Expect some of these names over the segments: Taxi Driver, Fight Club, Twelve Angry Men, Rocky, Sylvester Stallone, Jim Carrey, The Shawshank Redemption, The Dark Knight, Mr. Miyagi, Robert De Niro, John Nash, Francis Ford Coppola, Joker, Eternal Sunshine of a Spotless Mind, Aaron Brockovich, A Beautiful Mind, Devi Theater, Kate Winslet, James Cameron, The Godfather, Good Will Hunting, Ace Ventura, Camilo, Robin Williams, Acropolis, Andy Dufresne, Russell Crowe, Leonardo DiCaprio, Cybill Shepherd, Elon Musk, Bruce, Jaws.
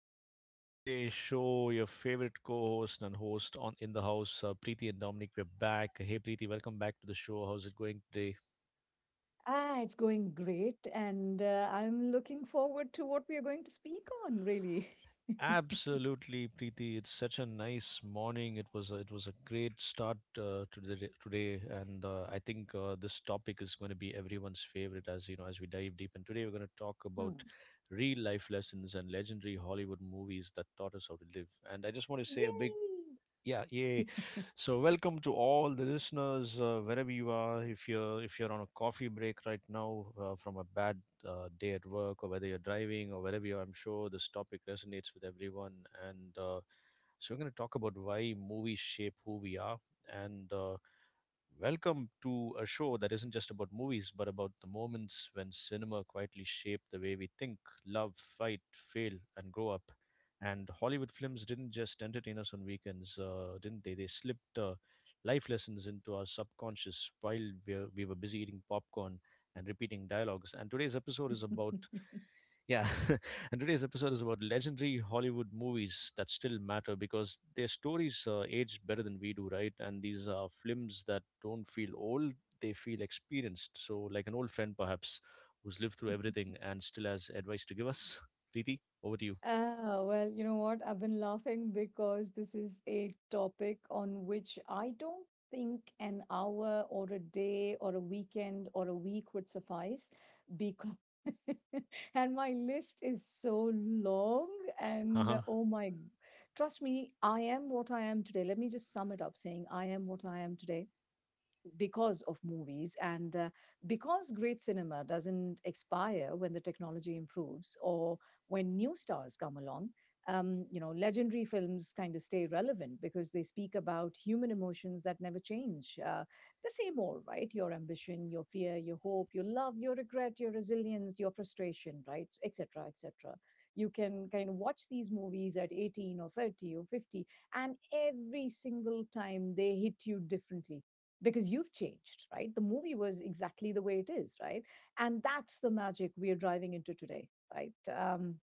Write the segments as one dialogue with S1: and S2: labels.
S1: to the midday show. Your favorite co-host and host on in the house, Preeti and Dominic. We're back. Hey, Preeti, welcome back to the show. How's it going today?
S2: Ah, it's going great, and I'm looking forward to what we are going to speak on, really.
S1: Absolutely, Preeti. It's such a nice morning. It was a great start to the today, and I think this topic is going to be everyone's favorite. As you know, as we dive deep, and today we're going to talk about
S2: Hmm.
S1: real life lessons and legendary Hollywood movies that taught us how to live. And I just want to say a big
S2: Yay!
S1: yeah, yeah. So welcome to all the listeners wherever you are. If you're on a coffee break right now from a bad day at work, or whether you're driving or wherever you are, I'm sure this topic resonates with everyone. And so we're going to talk about why movies shape who we are, and welcome to a show that isn't just about movies, but about the moments when cinema quietly shaped the way we think, love, fight, fail, and grow up. And Hollywood films didn't just entertain us on weekends, didn't they? They slipped life lessons into our subconscious while we were busy eating popcorn and repeating dialogues. And today's episode is about yeah, and today's episode is about legendary Hollywood movies that still matter because their stories age better than we do, right? And these are films that don't feel old, they feel experienced. So, like an old friend perhaps who's lived through everything and still has advice to give us. Preeti, over to you.
S2: Ah, well, you know what? I've been laughing because this is a topic on which I don't think an hour or a day or a weekend or a week would suffice because and my list is so long
S1: Uh
S2: and
S1: huh.
S2: oh my trust me, I am what I am today. Let me just sum it up saying I am what I am today because of movies and because great cinema doesn't expire when the technology improves or when new stars come along, you know, legendary films kind of stay relevant because they speak about human emotions that never change, the same old, right? Your ambition, your fear, your hope, your love, your regret, your resilience, your frustration, right? Et cetera, et cetera. You can kind of watch these movies at 18 or 30 or 50, and every single time they hit you differently because you've changed, right? The movie was exactly the way it is, right? And that's the magic we are driving into today, right?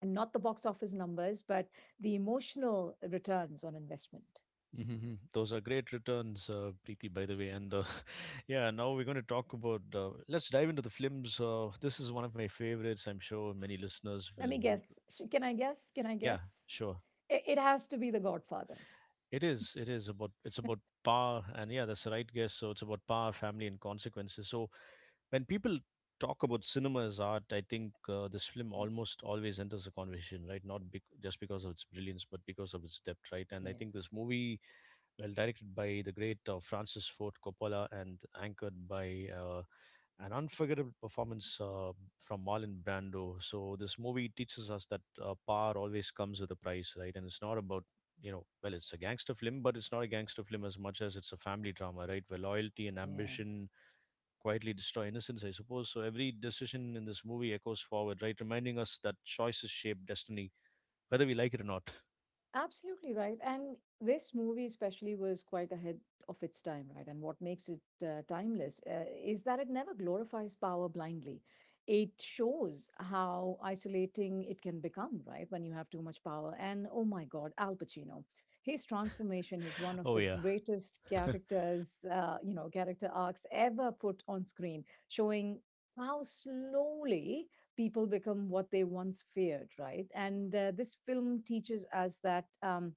S2: And not the box office numbers, but the emotional returns on investment.
S1: Hmm. Those are great returns, Preeti, by the way. And yeah, now we're going to talk about. Let's dive into the films. This is one of my favorites. I'm sure many listeners
S2: Let
S1: will.
S2: me guess. Can I guess? Can I
S1: Yeah,
S2: guess?
S1: sure.
S2: It has to be The Godfather.
S1: It is. It is about it's about power, and yeah, that's the right guess. So it's about power, family, and consequences. So when people talk about cinema as art, I think this film almost always enters the conversation, right? Not just because of its brilliance, but because of its depth, right? And I
S2: Yeah,
S1: think this movie, well directed by the great Francis Ford Coppola and anchored by an unforgettable performance from Marlon Brando. So this movie teaches us that power always comes with a price, right? And it's not about you know, well, it's a gangster film, but it's not a gangster film as much as it's a family drama, right? Where loyalty and
S2: yeah, yeah.
S1: ambition quietly destroy innocence, I suppose. So every decision in this movie echoes forward, right? Reminding us that choices shape destiny, whether we like it or not.
S2: Absolutely right. And this movie, especially, was quite ahead of its time, right? And what makes it timeless is that it never glorifies power blindly. It shows how isolating it can become, right? When you have too much power. And oh my God, Al Pacino, his transformation is one of
S1: Oh
S2: the
S1: yeah.
S2: greatest characters, character arcs ever put on screen, showing how slowly people become what they once feared, right? And this film teaches us that,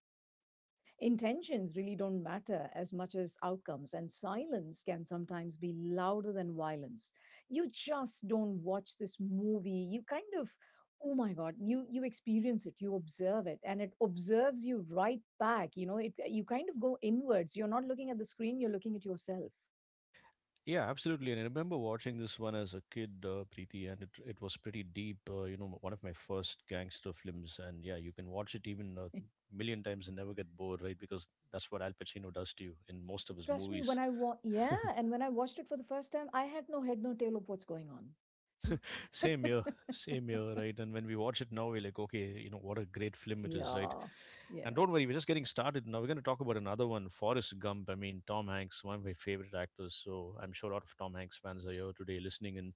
S2: intentions really don't matter as much as outcomes, and silence can sometimes be louder than violence. You just don't watch this movie. You kind of, oh my God, you experience it, you observe it, and it observes you right back. You know it, you kind of go inwards. You're not looking at the screen, you're looking at yourself.
S1: Yeah, absolutely. And I remember watching this one as a kid, Preeti, and it was pretty deep. You know, one of my first gangster films. And yeah, you can watch it even a million times and never get bored, right? Because that's what Al Pacino does to you in most of his
S2: Trust me, when
S1: movies.
S2: I wa yeah, and when I watched it for the first time, I had no head, no tail of what's going on. So
S1: Same here, same here, right? And when we watch it now, we're like, okay, you know, what a great film it is, right?
S2: yeah,
S1: And
S2: yeah,
S1: don't worry, we're just getting started now. We're going to talk about another one, Forrest Gump. I mean, Tom Hanks, one of my favorite actors. So I'm sure a lot of Tom Hanks fans are here today listening. And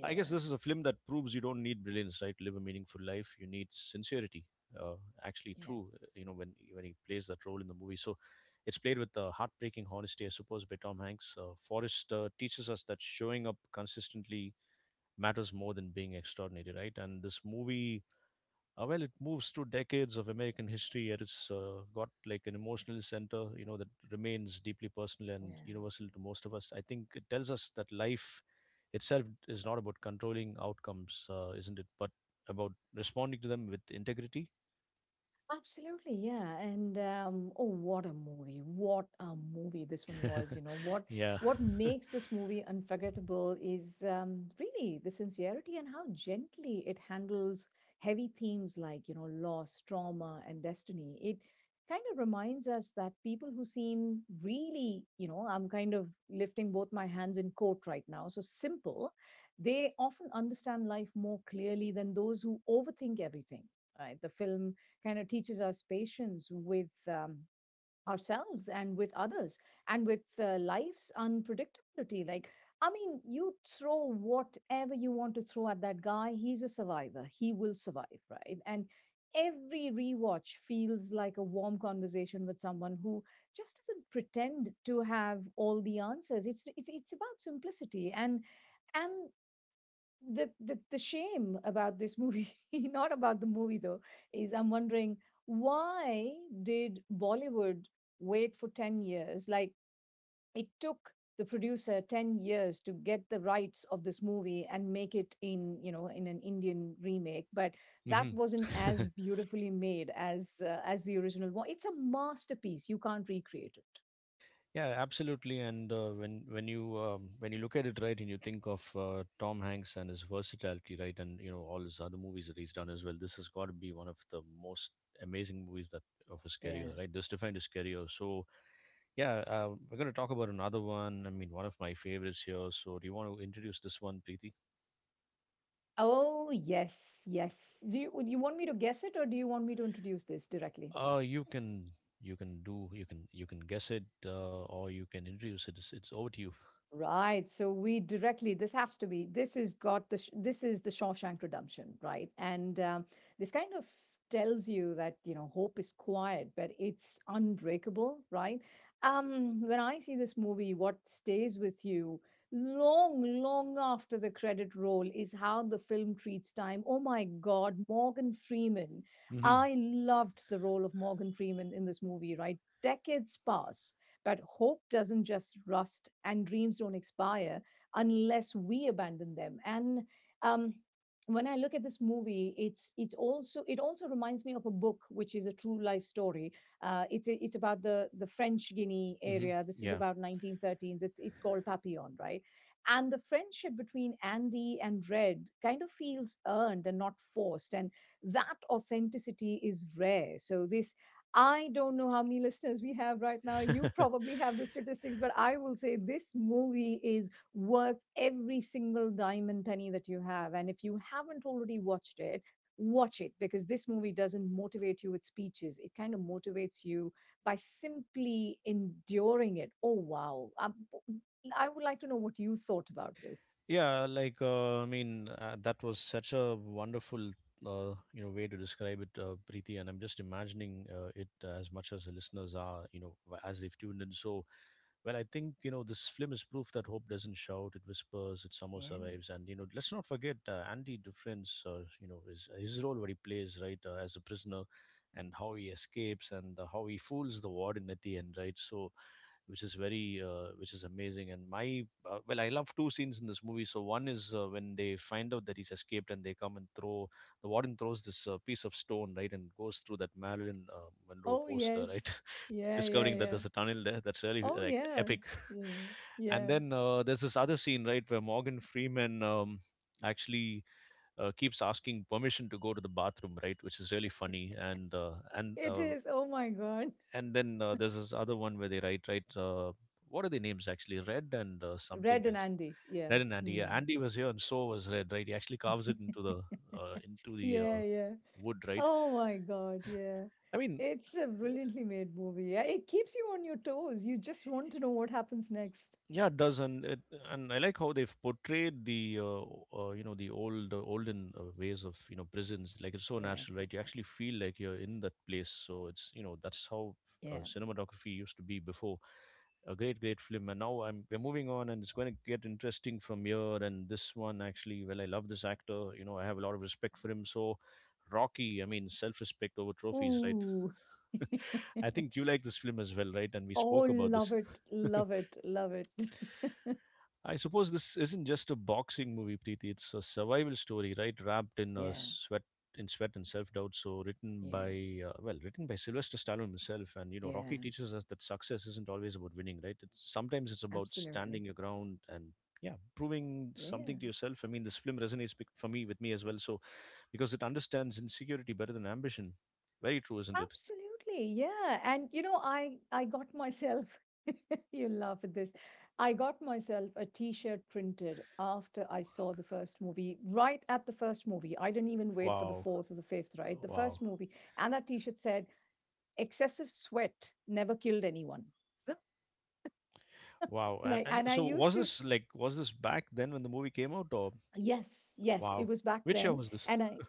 S1: I guess this is a film that proves you don't need brilliance, right? To live a meaningful life, you need sincerity. Uh, actually,
S2: yeah,
S1: true. You know, when he plays that role in the movie, so it's played with heartbreaking honesty, I suppose, by Tom Hanks. Forrest teaches us that showing up consistently matters more than being extraordinary, right? And this movie, well, it moves through decades of American history, and it's got like an emotional center, you know, that remains deeply personal and
S2: yeah.
S1: universal to most of us. I think it tells us that life itself is not about controlling outcomes, isn't it? But about responding to them with integrity.
S2: Absolutely, yeah. And oh, what a movie! What a movie this one was. You know what
S1: Yeah.
S2: what makes this movie unforgettable is, really the sincerity and how gently it handles heavy themes like, you know, loss, trauma, and destiny. It kind of reminds us that people who seem really, you know, I'm kind of lifting both my hands in court right now. So simple, they often understand life more clearly than those who overthink everything. Right, the film kind of teaches us patience with, ourselves and with others and with life's unpredictability. Like, I mean, you throw whatever you want to throw at that guy, he's a survivor. He will survive, right? And every rewatch feels like a warm conversation with someone who just doesn't pretend to have all the answers. It's about simplicity and and the shame about this movie, not about the movie though, is I'm wondering why did Bollywood wait for 10 years. Like, it took the producer 10 years to get the rights of this movie and make it in, you know, in an Indian remake, but that
S1: Hmm.
S2: wasn't as beautifully made as the original one. It's a masterpiece, you can't recreate it.
S1: Yeah, absolutely. And when you look at it right, and you think of Tom Hanks and his versatility, right, and you know all his other movies that he's done as well, this has got to be one of the most amazing movies that of his career,
S2: Yeah.
S1: right? This defined his career. So yeah, we're going to talk about another one. I mean, one of my favorites here. So do you want to introduce this one, Preeti?
S2: Oh yes, yes, do would you want me to guess it or do you want me to introduce this directly?
S1: You can you can guess it, or you can introduce it. It's over to you.
S2: Right. So we directly, this has to be, this is the Shawshank Redemption, right? And, this kind of tells you that, you know, hope is quiet, but it's unbreakable, right? When I see this movie, what stays with you long, long after the credit roll is how the film treats time. Oh my God, Morgan Freeman.
S1: Hmm.
S2: I loved the role of Morgan Freeman in this movie, right? Decades pass, but hope doesn't just rust and dreams don't expire unless we abandon them. And, um, when I look at this movie, it's also it also reminds me of a book which is a true life story. It's about the French Guinea
S1: Hmm.
S2: area. This is
S1: Yeah.
S2: about 1913s. It's called Papillon, right? And the friendship between Andy and Red kind of feels earned and not forced, and that authenticity is rare. So this, I don't know how many listeners we have right now. You probably have the statistics, but I will say this movie is worth every single dime and penny that you have. And if you haven't already watched it, watch it, because this movie doesn't motivate you with speeches. It kind of motivates you by simply enduring it. Oh, wow. I would like to know what you thought about this.
S1: Yeah, like that was such a wonderful, you know, way to describe it, Preeti. And I'm just imagining it as much as the listeners are, you know, as they've tuned in. So well, I think you know this film is proof that hope doesn't shout; it whispers, it somehow
S2: Yeah.
S1: survives. And you know, let's not forget Andy Dufresne. You know, his role where he plays right as a prisoner, and how he escapes and how he fools the warden at the end, right? So, which is very, which is amazing. And well, I love two scenes in this movie. So one is when they find out that he's escaped, and the warden throws this piece of stone right and goes through that Marilyn Monroe
S2: Oh,
S1: poster, right?
S2: yes. Yeah, yeah,
S1: Discovering that
S2: yeah.
S1: there's a tunnel there. That's really
S2: Oh,
S1: like
S2: yeah.
S1: epic.
S2: Yeah,
S1: And
S2: yeah.
S1: then there's this other scene, right, where Morgan Freeman actually keeps asking permission to go to the bathroom, right, which is really funny.
S2: It is. Oh my God.
S1: And then there's this other one where they write, right, what are the names actually? Red and something
S2: Red and
S1: else.
S2: Andy. Yeah.
S1: Red and Andy. Yeah,
S2: Hmm.
S1: Andy was here, and so was Red. Right, he actually carves it into the uh, into the uh,
S2: Yeah, yeah.
S1: wood. Right.
S2: Oh my God, yeah.
S1: I mean,
S2: It's a brilliantly made movie. Yeah, it keeps you on your toes. You just want to know what happens next.
S1: yeah, it does, and and I like how they've portrayed the you know the old olden ways of you know prisons. Like it's so
S2: Yeah,
S1: natural, right? You actually feel like you're in that place. So it's you know that's how
S2: yeah.
S1: cinematography used to be before. A great, great film, and now I'm we're moving on, and it's going to get interesting from here. And this one actually, well, I love this actor. You know, I have a lot of respect for him. So Rocky, I mean, self-respect over trophies, right?
S2: Ooh.
S1: I think you like this film as well, right? And we
S2: Oh,
S1: spoke about
S2: love
S1: this.
S2: it, love it, love it.
S1: I suppose this isn't just a boxing movie, Preeti. It's a survival story, right? Wrapped in a
S2: Yeah,
S1: sweat, in sweat and self-doubt. So
S2: yeah,
S1: well, written by Sylvester Stallone himself. And you know, Rocky
S2: yeah.
S1: teaches us that success isn't always about winning, right? It's sometimes it's about
S2: Absolutely.
S1: standing your ground and yeah, proving
S2: Yeah.
S1: something to yourself. I mean, this film resonates for me with me as well. So because it understands insecurity better than ambition. Very true, isn't it?
S2: Absolutely. Yeah. And you know, I got myself you laugh at this. I got myself a t-shirt printed after I saw the first movie, right at the first movie. I didn't even wait for the
S1: Wow,
S2: fourth or the fifth, right? The
S1: wow,
S2: first movie. And that t-shirt said, excessive sweat never killed anyone. So
S1: wow.
S2: like
S1: And
S2: and I
S1: so
S2: used
S1: was
S2: to,
S1: this like was this back then when the movie came out, or
S2: yes, yes, it
S1: wow.
S2: was back
S1: Which year
S2: then,
S1: was this?
S2: and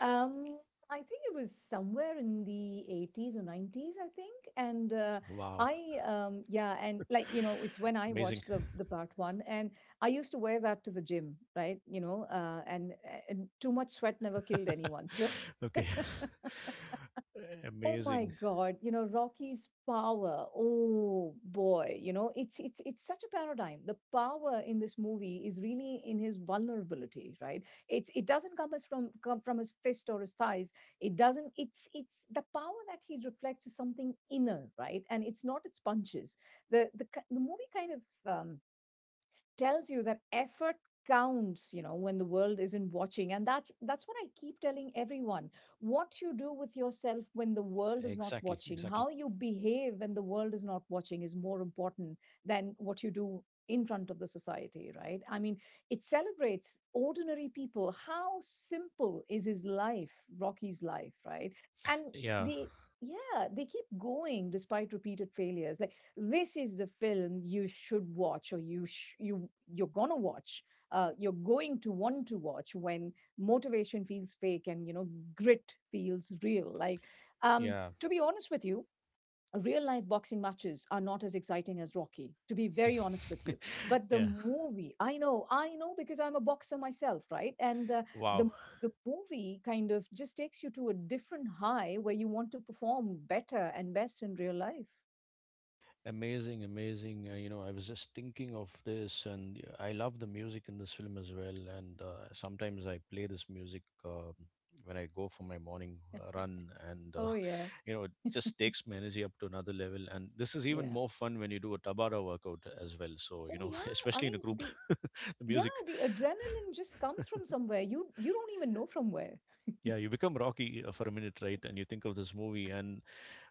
S2: um, I think it was somewhere in the 80s or nineties, I think. And
S1: Wow.
S2: I, yeah, and like you know, it's when I
S1: Amazing.
S2: watched the part one, and I used to wear that to the gym, right? You know, and too much sweat never killed anyone. So
S1: Okay.
S2: oh my
S1: Amazing.
S2: God, you know, Rocky's power. Oh boy, you know, it's such a paradigm. The power in this movie is really in his vulnerability, right? It's, it doesn't come from his fist or his thighs. It doesn't, it's the power that he reflects is something inner, right? And it's not its punches. The movie kind of, um tells you that effort counts, you know, when the world isn't watching. And that's what I keep telling everyone. What you do with yourself when the world is not
S1: Exactly.
S2: watching,
S1: Exactly.
S2: how you behave when the world is not watching is more important than what you do in front of the society, right? I mean, it celebrates ordinary people. How simple is his life, Rocky's life, right? And
S1: Yeah.
S2: the yeah they keep going despite repeated failures. Like, this is the film you should watch, or you're going to watch, you're going to want to watch when motivation feels fake and, you know, grit feels real. Like, um
S1: Yeah.
S2: to be honest with you, real life boxing matches are not as exciting as Rocky, to be very honest with you. But the
S1: Yeah.
S2: movie, I know, I know, because I'm a boxer myself, right? And
S1: Wow.
S2: the the movie kind of just takes you to a different high where you want to perform better and best in real life.
S1: Amazing, amazing. You know, I was just thinking of this, and I love the music in this film as well. And sometimes I play this music when I go for my morning run, and
S2: Oh yeah.
S1: you know, it just takes my energy up to another level. And this is even
S2: Yeah.
S1: more fun when you do a Tabata workout as well. So, you
S2: Oh
S1: know,
S2: yeah, I
S1: especially in
S2: mean
S1: a group,
S2: the
S1: the
S2: yeah,
S1: music.
S2: the adrenaline just comes from somewhere. You don't even know from where.
S1: Yeah, you become Rocky for a minute, right? And you think of this movie, and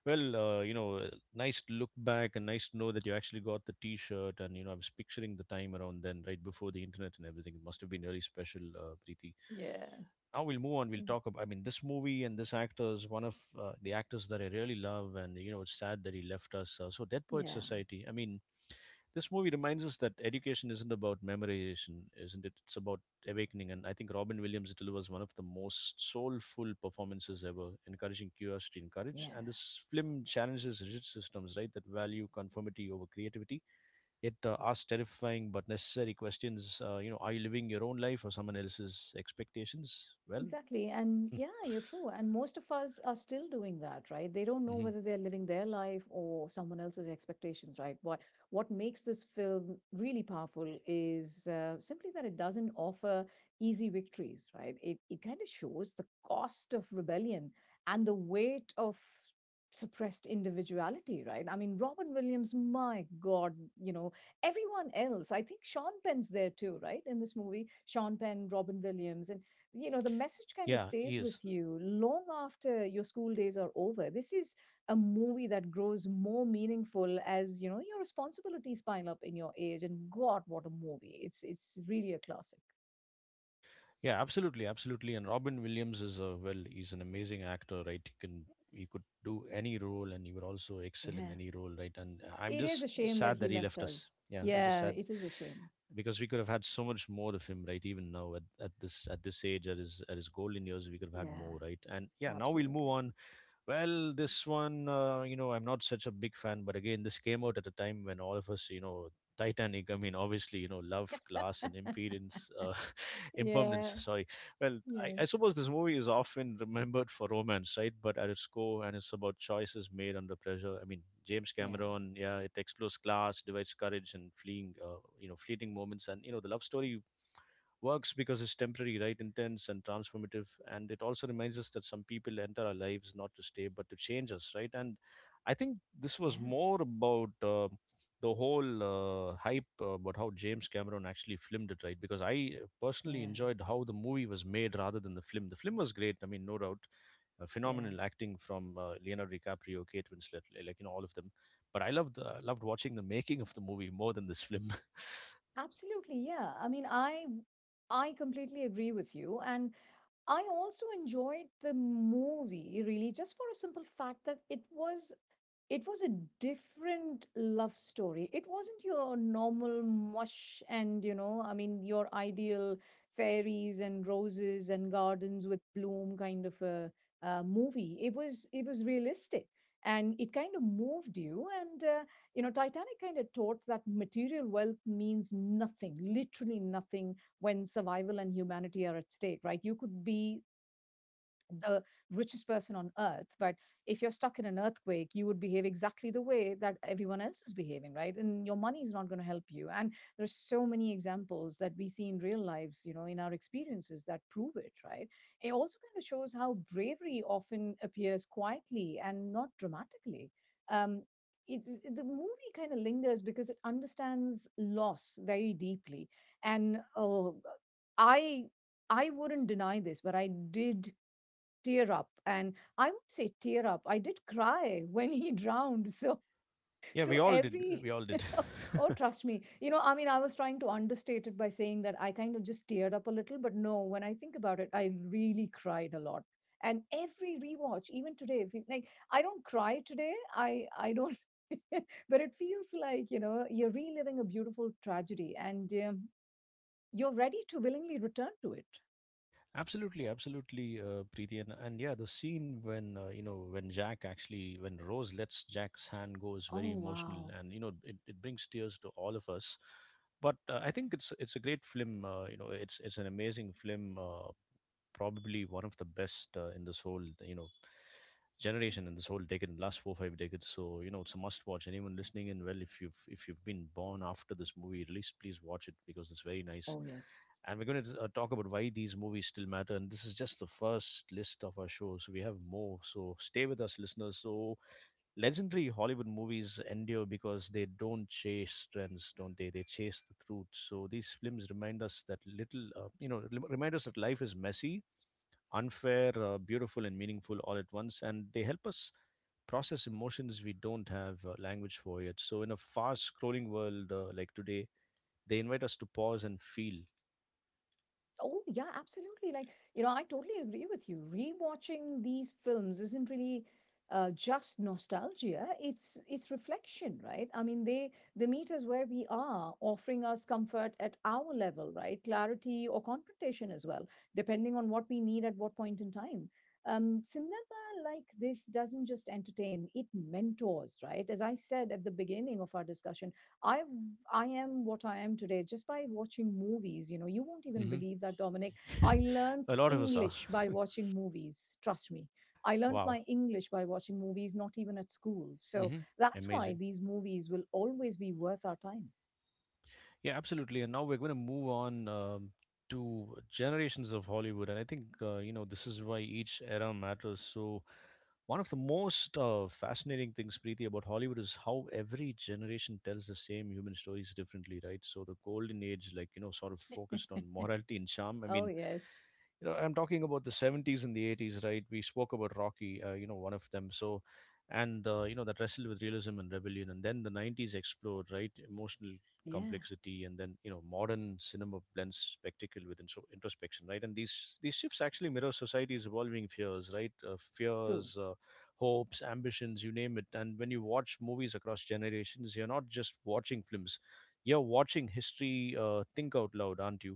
S1: well, you know, nice to look back and nice to know that you actually got the T-shirt. And you know, I was picturing the time around then, right before the internet and everything. It must have been really special, Preeti.
S2: Yeah.
S1: Now we'll move on. We'll
S2: Mm.
S1: talk about. I mean, this movie and this actor is one of the actors that I really love, and you know, it's sad that he left us. So, Dead Poets
S2: Yeah,
S1: Society. I mean, this movie reminds us that education isn't about memorization, isn't it? It's about awakening. And I think Robin Williams delivers one of the most soulful performances ever, encouraging curiosity and
S2: yeah.
S1: courage. And this film challenges rigid systems, right, that value conformity over creativity. It asks terrifying but necessary questions. Are you living your own life or someone else's expectations? Well,
S2: Exactly. And yeah, you're true. And most of us are still doing that, right? They don't know
S1: mhm.
S2: whether they're living their life or someone else's expectations, right? What makes this film really powerful is, simply that it doesn't offer easy victories, right? It kind of shows the cost of rebellion and the weight of suppressed individuality, right? I mean, Robin Williams, my God, you know, everyone else. I think Sean Penn's there too, right? In this movie, Sean Penn, Robin Williams, and you know the message kind of
S1: Yeah, he
S2: stays with
S1: is.
S2: you long after your school days are over. This is a movie that grows more meaningful as, you know, your responsibilities pile up in your age. And God, what a movie, it's really a classic.
S1: Yeah, absolutely, absolutely. And Robin Williams is a well, he's an amazing actor, right? He could do any role, and he would also excel in
S2: Yeah.
S1: any role, right? And I'm
S2: It is a
S1: just
S2: shame that
S1: sad
S2: he
S1: that he
S2: left
S1: left us.
S2: us.
S1: Yeah, I'm just
S2: Yeah,
S1: sad
S2: it is a shame.
S1: because we could have had so much more of him, right? Even now at this age, at his golden years, we could have had
S2: Yeah.
S1: more, right? And yeah, now we'll move
S2: Absolutely.
S1: on. Well, this one, I'm not such a big fan, but again, this came out at a time when all of us. Titanic. I mean, obviously, love, class, and impedance, impermanence.
S2: Yeah,
S1: Sorry. Well, I,
S2: yeah.
S1: I suppose this movie is often remembered for romance, right? But at its core, and it's about choices made under pressure. I mean, James
S2: Yeah.
S1: Cameron, yeah, it explores class, divides courage, and fleeting moments, and the love story works because it's temporary, right? Intense and transformative. And it also reminds us that some people enter our lives not to stay, but to change us, right? And I think this was
S2: Yeah.
S1: more about the whole hype about how James Cameron actually filmed it, right? Because I personally
S2: Yeah.
S1: enjoyed how the movie was made rather than the film. The film was great, I mean, no doubt.
S2: Yeah.
S1: Phenomenal acting from Leonardo DiCaprio, Kate Winslet, like all of them. But I loved watching the making of the movie more than this film.
S2: Absolutely, yeah. I mean, I completely agree with you. And I also enjoyed the movie really just for a simple fact that it was, it was a different love story. It wasn't your normal mush and, I mean, your ideal fairies and roses and gardens with bloom kind of a movie. It was realistic and it kind of moved you. And Titanic kind of taught that material wealth means nothing, literally nothing, when survival and humanity are at stake, right? You could be the richest person on earth, but if you're stuck in an earthquake you would behave exactly the way that everyone else is behaving, right? And your money is not going to help you. And there's so many examples that we see in real lives, in our experiences, that prove it right. It also kind of shows how bravery often appears quietly and not dramatically. um the movie kind of lingers because it understands loss very deeply. And i I wouldn't deny this, but I did tear up. And I would say tear up, I did cry when he drowned. So
S1: Yeah,
S2: so
S1: we all did.
S2: every
S1: We all did.
S2: oh, trust me, I mean, I was trying to understate it by saying that I kind of just teared up a little, but no, when I think about it, I really cried a lot. And every rewatch, even today, if you- like, I don't cry today, I don't. But it feels like, you're reliving a beautiful tragedy. And you're ready to willingly return to it.
S1: Absolutely, absolutely, Preeti, and yeah, the scene when you know when Jack actually when Rose lets Jack's hand go is
S2: Oh,
S1: very emotional,
S2: wow.
S1: and it brings tears to all of us. But I
S2: Yeah.
S1: think it's a great film. It's an amazing film. Probably one of the best in this whole generation, in this whole decade, in the last four five decades. So it's a must watch. Anyone listening in, well, if you've been born after this movie released, please watch it because it's very nice.
S2: Oh, yes.
S1: And we're going to talk about why these movies still matter. And this is just the first list of our show, so we have more. So stay with us, listeners. So legendary Hollywood movies endure because they don't chase trends, don't they? They chase the truth. So these films remind us that little, you know, rem- remind us that life is messy, unfair, beautiful, and meaningful all at once. And they help us process emotions we don't have language for yet. So, in a fast scrolling world like today, they invite us to pause and feel.
S2: Oh, yeah, absolutely. Like, I totally agree with you. Rewatching these films isn't really just nostalgia. It's reflection, right? I mean, they meet us where we are, offering us comfort at our level, right? Clarity or confrontation as well, depending on what we need at what point in time. Cinema like this doesn't just entertain; it mentors, right? As I said at the beginning of our discussion, I've I am what I am today just by watching movies. You know, you won't even
S1: Hmm.
S2: believe that, Dominic. I learned
S1: A lot of us are.
S2: English by watching movies. Trust me. I learned
S1: Wow,
S2: my English by watching movies, not even at school. So
S1: hmm,
S2: that's why
S1: amazing.
S2: these movies will always be worth our time.
S1: Yeah, absolutely. And now we're going to move on, to generations of Hollywood. And I think, this is why each era matters. So, one of the most fascinating things, Preeti, about Hollywood is how every generation tells the same human stories differently, right? So, the golden age, like, sort of focused on morality and charm. I
S2: Oh,
S1: mean,
S2: yes.
S1: I'm talking about the 70s and the 80s, right? We spoke about Rocky, one of them, so. And that wrestled with realism and rebellion. And then the 90s explored, right, emotional
S2: Yeah,
S1: complexity. And then modern cinema blends spectacle with introspection, right? And these shifts actually mirror society's evolving fears, right?
S2: true.
S1: Fears, hopes, ambitions, you name it. And when you watch movies across generations, you're not just watching films, you're watching history think out loud, aren't you?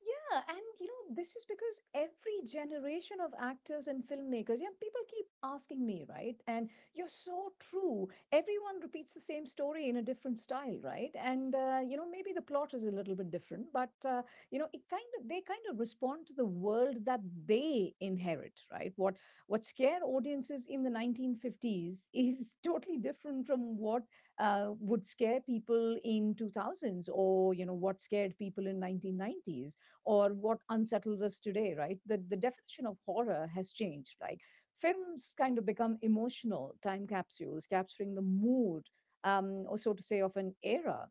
S2: Yeah, and you know, this is because every generation of actors and filmmakers, yeah, people keep asking me, right? And you're so true. Everyone repeats the same story in a different style, right? And you know, maybe the plot is a little bit different, but you know, it kind of they respond to the world that they inherit, right? What scared audiences in the 1950s is totally different from what would scare people in 2000s, or you know what scared people in 1990s or what unsettles us today, right? The definition of horror has changed. Like, films kind of become emotional time capsules, capturing the mood, or so to say, of an era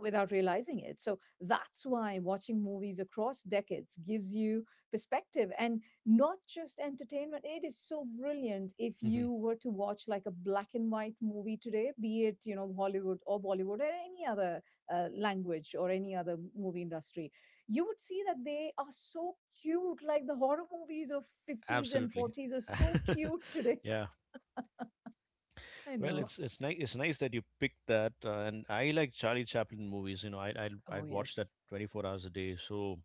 S2: without realizing it. So that's why watching movies across decades gives you perspective and not just entertainment. It is so brilliant if you were to watch like a black and white movie today, be it, you know, Hollywood or Bollywood or any other language or any other movie industry. You would see that they are so cute. Like the horror movies of 50s and
S1: Absolutely.
S2: 40s are so cute today.
S1: Yeah.
S2: I
S1: Well,
S2: know.
S1: it's nice that you picked that, and I like Charlie Chaplin movies, you know. I I
S2: Oh,
S1: I'd watch that
S2: yes.
S1: 24 hours a day. So,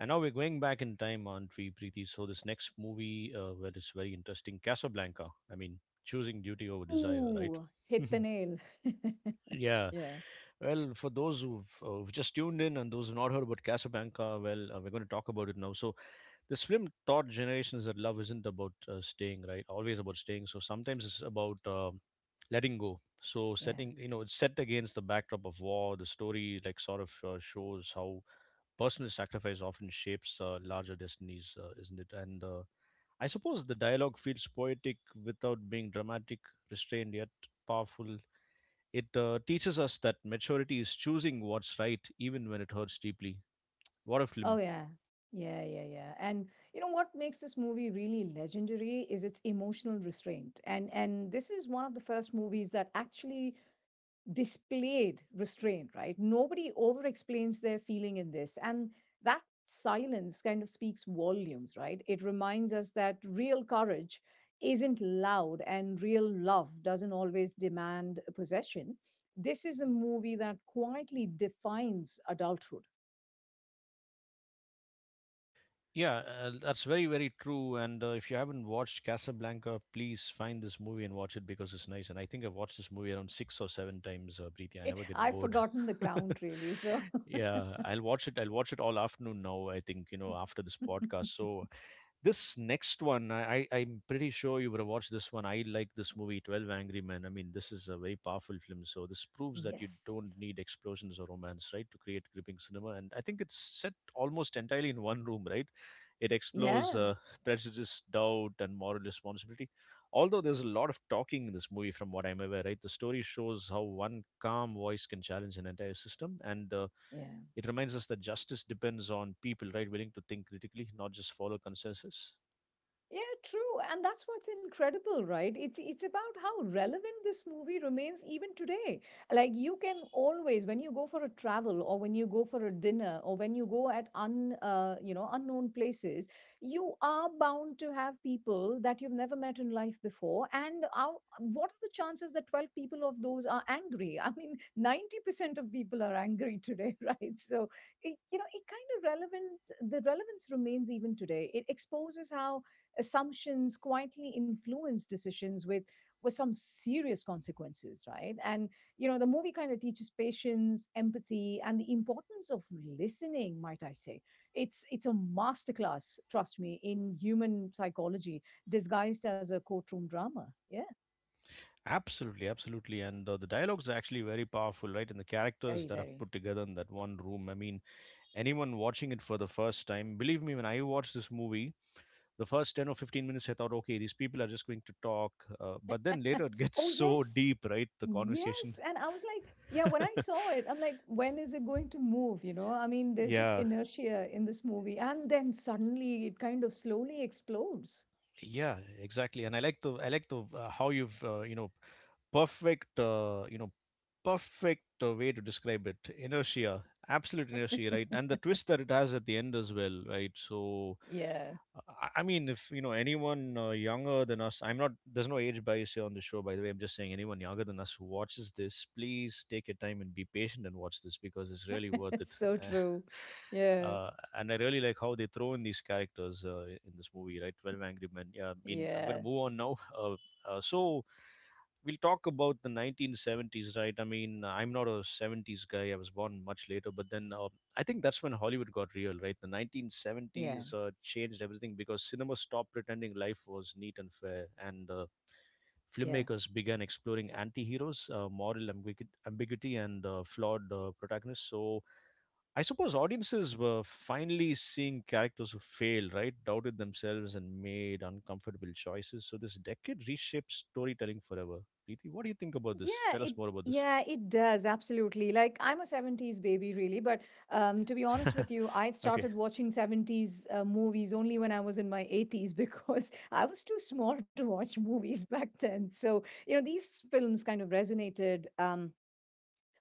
S1: and now we're going back in time, Auntie Preeti? So this next movie, where it's very interesting, Casablanca. I mean, choosing duty over desire, right?
S2: Ooh, hit the nail.
S1: Yeah.
S2: Yeah.
S1: Well, for those who've just tuned in and those who've not heard about Casablanca, well, we're going to talk about it now. So, this film taught generations that love isn't about staying, right? Always about staying. So sometimes it's about letting go. So
S2: Yeah.
S1: it's set against the backdrop of war. The story, like, sort of shows how personal sacrifice often shapes larger destinies, isn't it? And I suppose the dialogue feels poetic without being dramatic, restrained yet powerful. It teaches us that maturity is choosing what's right, even when it hurts deeply. What a
S2: Oh,
S1: film!
S2: yeah. Yeah, yeah, yeah. And you know what makes this movie really legendary is its emotional restraint. And this is one of the first movies that actually displayed restraint, right? Nobody over-explains their feeling in this. And that silence kind of speaks volumes, right? It reminds us that real courage isn't loud and real love doesn't always demand possession. This is a movie that quietly defines adulthood.
S1: Yeah, that's very, very true. And if you haven't watched Casablanca, please find this movie and watch it because it's nice. And I think I've watched this movie around six or seven times, Preeti. I never get
S2: I've
S1: bored.
S2: forgotten the count really. So
S1: Yeah, I'll watch it. I'll watch it all afternoon now, I think, after this podcast. So this next one, I'm pretty sure you would have watched this one. I like this movie, Twelve Angry Men. I mean, this is a very powerful film. So this proves that you don't
S2: yes.
S1: need explosions or romance, right, to create gripping cinema. And I think it's set almost entirely in one room, right? It explores
S2: Yeah.
S1: prejudice, doubt, and moral responsibility. Although there's a lot of talking in this movie, from what I'm aware, right? The story shows how one calm voice can challenge an entire system, and
S2: Yeah.
S1: it reminds us that justice depends on people, right, willing to think critically, not just follow consensus.
S2: Yeah, true. And that's what's incredible, right? It's about how relevant this movie remains even today. Like, you can always when you go for a travel, or when you go for a dinner, or when you go at un you know, unknown places, you are bound to have people that you've never met in life before. And how, what are the chances that 12 people of those are angry? I mean, 90% of people are angry today, right? So, it, you know, it kind of relevant, the relevance remains even today. It exposes how assumptions quietly influence decisions with some serious consequences, right? And you know, the movie kind of teaches patience, empathy, and the importance of listening, might I say. It's a masterclass, trust me, in human psychology disguised as a courtroom drama. Yeah.
S1: Absolutely, absolutely. And the dialogues are actually very powerful, right? And the characters
S2: Very,
S1: that are
S2: very.
S1: put together in that one room. I mean, anyone watching it for the first time, believe me, when I watched this movie, the first 10 or 15 minutes, I thought, okay, these people are just going to talk. But then later it
S2: Oh,
S1: gets so
S2: yes.
S1: deep, right? The
S2: Yes.
S1: conversation.
S2: And I was like, yeah, when I saw it, I'm like, when is it going to move? You know, I mean, there's just
S1: Yeah.
S2: inertia in this movie. And then suddenly it kind of slowly explodes.
S1: Yeah, exactly. And I like the how you've you know perfect uh, you know perfect way to describe it. Inertia, absolute inertia, right? And the twist that it has at the end as well, right? So
S2: Yeah.
S1: I mean, if you know anyone younger than us, I'm not. There's no age bias here on the show, by the way. I'm just saying anyone younger than us who watches this, please take your time and be patient and watch this because it's really worth it.
S2: So true. Yeah.
S1: uh, and I really like how they throw in these characters in this movie, right? Twelve Angry Men. Yeah, I mean, I'm going to
S2: Yeah.
S1: move on now. So we'll talk about the 1970s, right? I mean, I'm not a 70s guy. I was born much later, but then I think that's when Hollywood got real, right? The
S2: Yeah. Yeah.
S1: 1970s changed everything because cinema stopped pretending life was neat and fair, and
S2: Yeah.
S1: filmmakers began exploring anti-heroes, moral ambiguity, and flawed protagonists. So I suppose audiences were finally seeing characters who failed, right? Doubted themselves and made uncomfortable choices. So this decade reshaped storytelling forever. Preeti, what do you think about this?
S2: Yeah,
S1: Tell
S2: it
S1: us more about this.
S2: yeah, it does absolutely. Like, I'm a 70s baby really, but to be honest with you, I've
S1: Okay.
S2: started watching 70s movies only when I was in my 80s, because I was too small to watch movies back then. So, you know, these films kind of resonated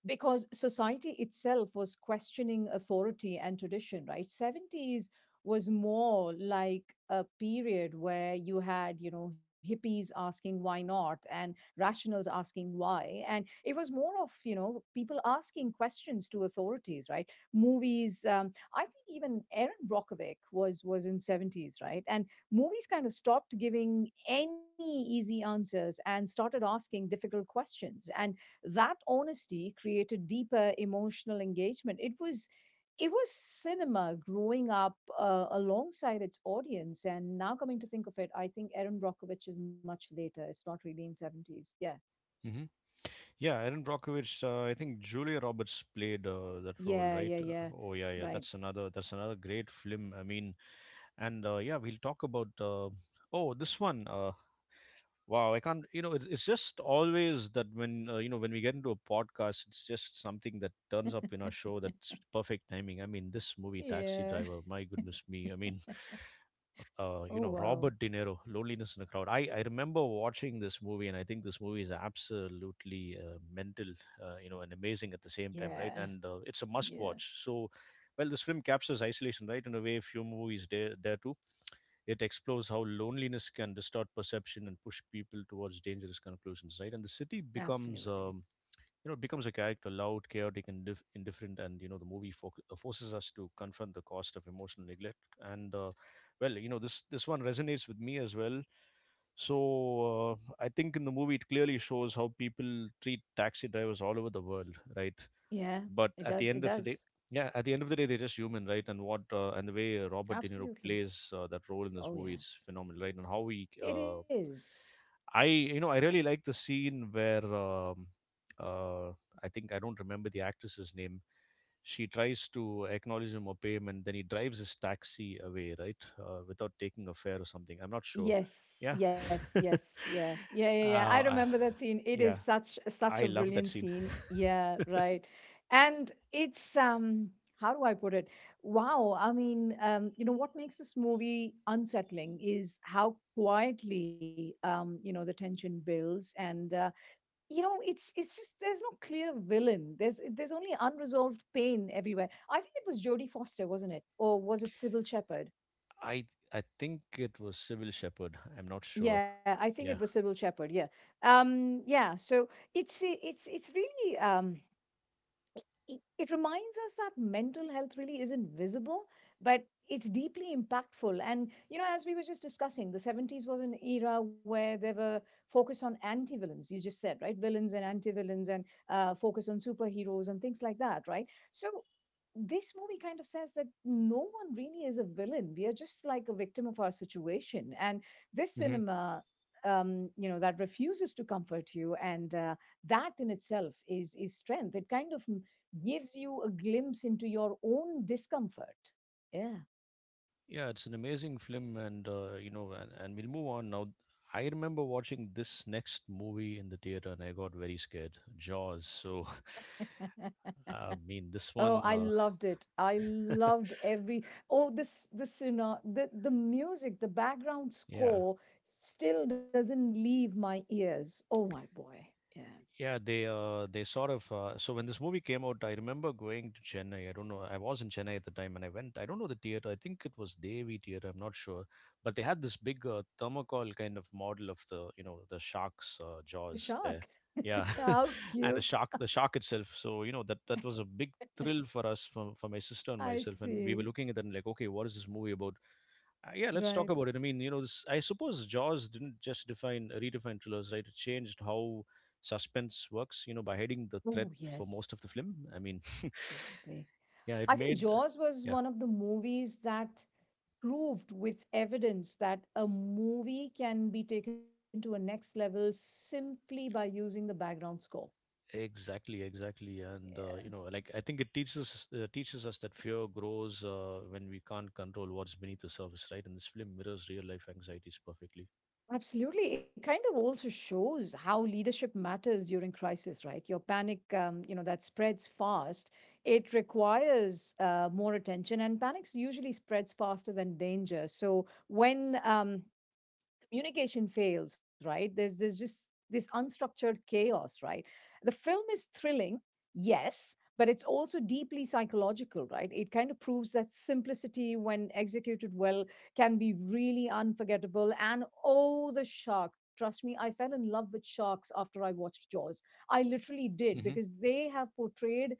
S2: because society itself was questioning authority and tradition, right? 70s was more like a period where you had, you know, hippies asking why not, and rationals asking why. And it was more of, you know, people asking questions to authorities, right? Movies, I think even Aaron Brockovich was in 70s, right? And movies kind of stopped giving any easy answers and started asking difficult questions. And that honesty created deeper emotional engagement. It was cinema growing up alongside its audience. And now coming to think of it, I think Erin Brockovich is much later, it's not really in 70s, yeah.
S1: Hmm. Yeah, Aaron Brockovich. I think Julia Roberts played that role,
S2: Yeah.
S1: right?
S2: Yeah. Yeah.
S1: Oh yeah, yeah.
S2: Right.
S1: That's another. That's another great film. I mean, and yeah, we'll talk about. Oh, this one. Wow, I can't. It's just always that when you know when we get into a podcast, it's just something that turns up in our show. That's perfect timing. I mean, this movie, Taxi
S2: Yeah.
S1: Driver. My goodness me. I mean,
S2: Oh, wow.
S1: Robert De Niro, Loneliness in the Crowd. I remember watching this movie, and I think this movie is absolutely mental, and amazing at the same time,
S2: Yeah.
S1: right? And it's a must
S2: Yeah,
S1: watch. So, well, this film captures isolation, right? In a way, few movies dare to. It explores how loneliness can distort perception and push people towards dangerous conclusions, right? And the city becomes,
S2: absolutely.
S1: um, you know, becomes a character, loud, chaotic, and indifferent. And the movie forces us to confront the cost of emotional neglect. And well, you know, This one resonates with me as well. So I think in the movie it clearly shows how people treat taxi drivers all over the world, right?
S2: Yeah, it
S1: But at
S2: does,
S1: the
S2: it
S1: end of the
S2: does.
S1: day, yeah, at the end of the day, they're just human, right? And the way Robert De Niro
S2: Absolutely.
S1: plays that role in this
S2: Oh,
S1: movie,
S2: yeah.
S1: it's phenomenal, right? and how he
S2: It is.
S1: I you know I really like the scene where uh, I don't remember the actress's name. She tries to acknowledge him or pay him, and then he drives his taxi away, right? Without taking a fare or something, I'm not sure.
S2: Yes,
S1: Yeah.
S2: yes, yes, yeah, yeah, yeah, yeah. I
S1: uh,
S2: remember
S1: I-
S2: that scene. It is
S1: yeah,
S2: such such a
S1: I love
S2: brilliant
S1: that scene.
S2: scene. Yeah, right. And it's how do I put it? Wow. I mean, you know, what makes this movie unsettling is how quietly, you know, the tension builds. And you know, it's just there's no clear villain. There's only unresolved pain everywhere. I think it was Jodie Foster, wasn't it? Or was it Sybil Shepherd?
S1: I I think it was Civil Shepherd. I'm not sure.
S2: Yeah, I think
S1: Yeah.
S2: it was Sybil Shepherd. Yeah. Yeah. So it's really it, it reminds us that mental health really isn't visible, but it's deeply impactful. And, you know, as we were just discussing, the 70s was an era where there were focus on anti-villains, you just said, right? Villains and anti-villains, and focus on superheroes and things like that, right? So this movie kind of says that no one really is a villain. We are just like a victim of our situation. And this
S1: Hmm.
S2: cinema, you know, that refuses to comfort you, and that in itself is strength. It kind of gives you a glimpse into your own discomfort. Yeah.
S1: Yeah, it's an amazing film, and you know, and we'll move on now. I remember watching this next movie in the theater, and I got very scared. Jaws. So, I mean, this
S2: Oh,
S1: one,
S2: I
S1: uh,
S2: loved it. I loved every oh this, you know, the music, the background
S1: yeah,
S2: score still doesn't leave my ears. Oh my boy. Yeah.
S1: Yeah, they sort of so when this movie came out, I remember going to Chennai. I don't know. I was in Chennai at the time, and I went. I don't know the theater. I think it was Devi Theater. I'm not sure, but they had this big thermocol kind of model of the, you know, the shark's
S2: The
S1: jaws there.
S2: shark.
S1: Yeah,
S2: How
S1: and the
S2: cute.
S1: shark itself. So you know that that was a big thrill for us, for my sister and
S2: I
S1: myself, and we were
S2: see.
S1: looking at it and like, okay, what is this movie about? Yeah, let's talk
S2: Right.
S1: about it. I mean, you know, I suppose Jaws didn't just define redefine thrillers, right? It changed how suspense works, you know, by hiding the threat
S2: Oh
S1: for most of
S2: yes.
S1: the film. I mean,
S2: Seriously.
S1: yeah, it
S2: I think
S1: made
S2: Jaws was
S1: yeah,
S2: one of the movies that proved with evidence that a movie can be taken to a next level simply by using the background score.
S1: exactly, exactly, and
S2: Yeah.
S1: uh, you know, like I think it teaches us that fear grows when we can't control what's beneath the surface, right? And this film mirrors real life anxieties perfectly.
S2: Absolutely. It kind of also shows how leadership matters during crisis, right? Your panic, you know, that spreads fast. It requires more attention, and panic usually spreads faster than danger. So when communication fails, right? There's just this unstructured chaos, right? The film is thrilling, yes, but it's also deeply psychological, right? It kind of proves that simplicity, when executed well, can be really unforgettable. And oh, the shark! Trust me, I fell in love with sharks after I watched Jaws. I literally did,
S1: Hmm.
S2: because they have portrayed,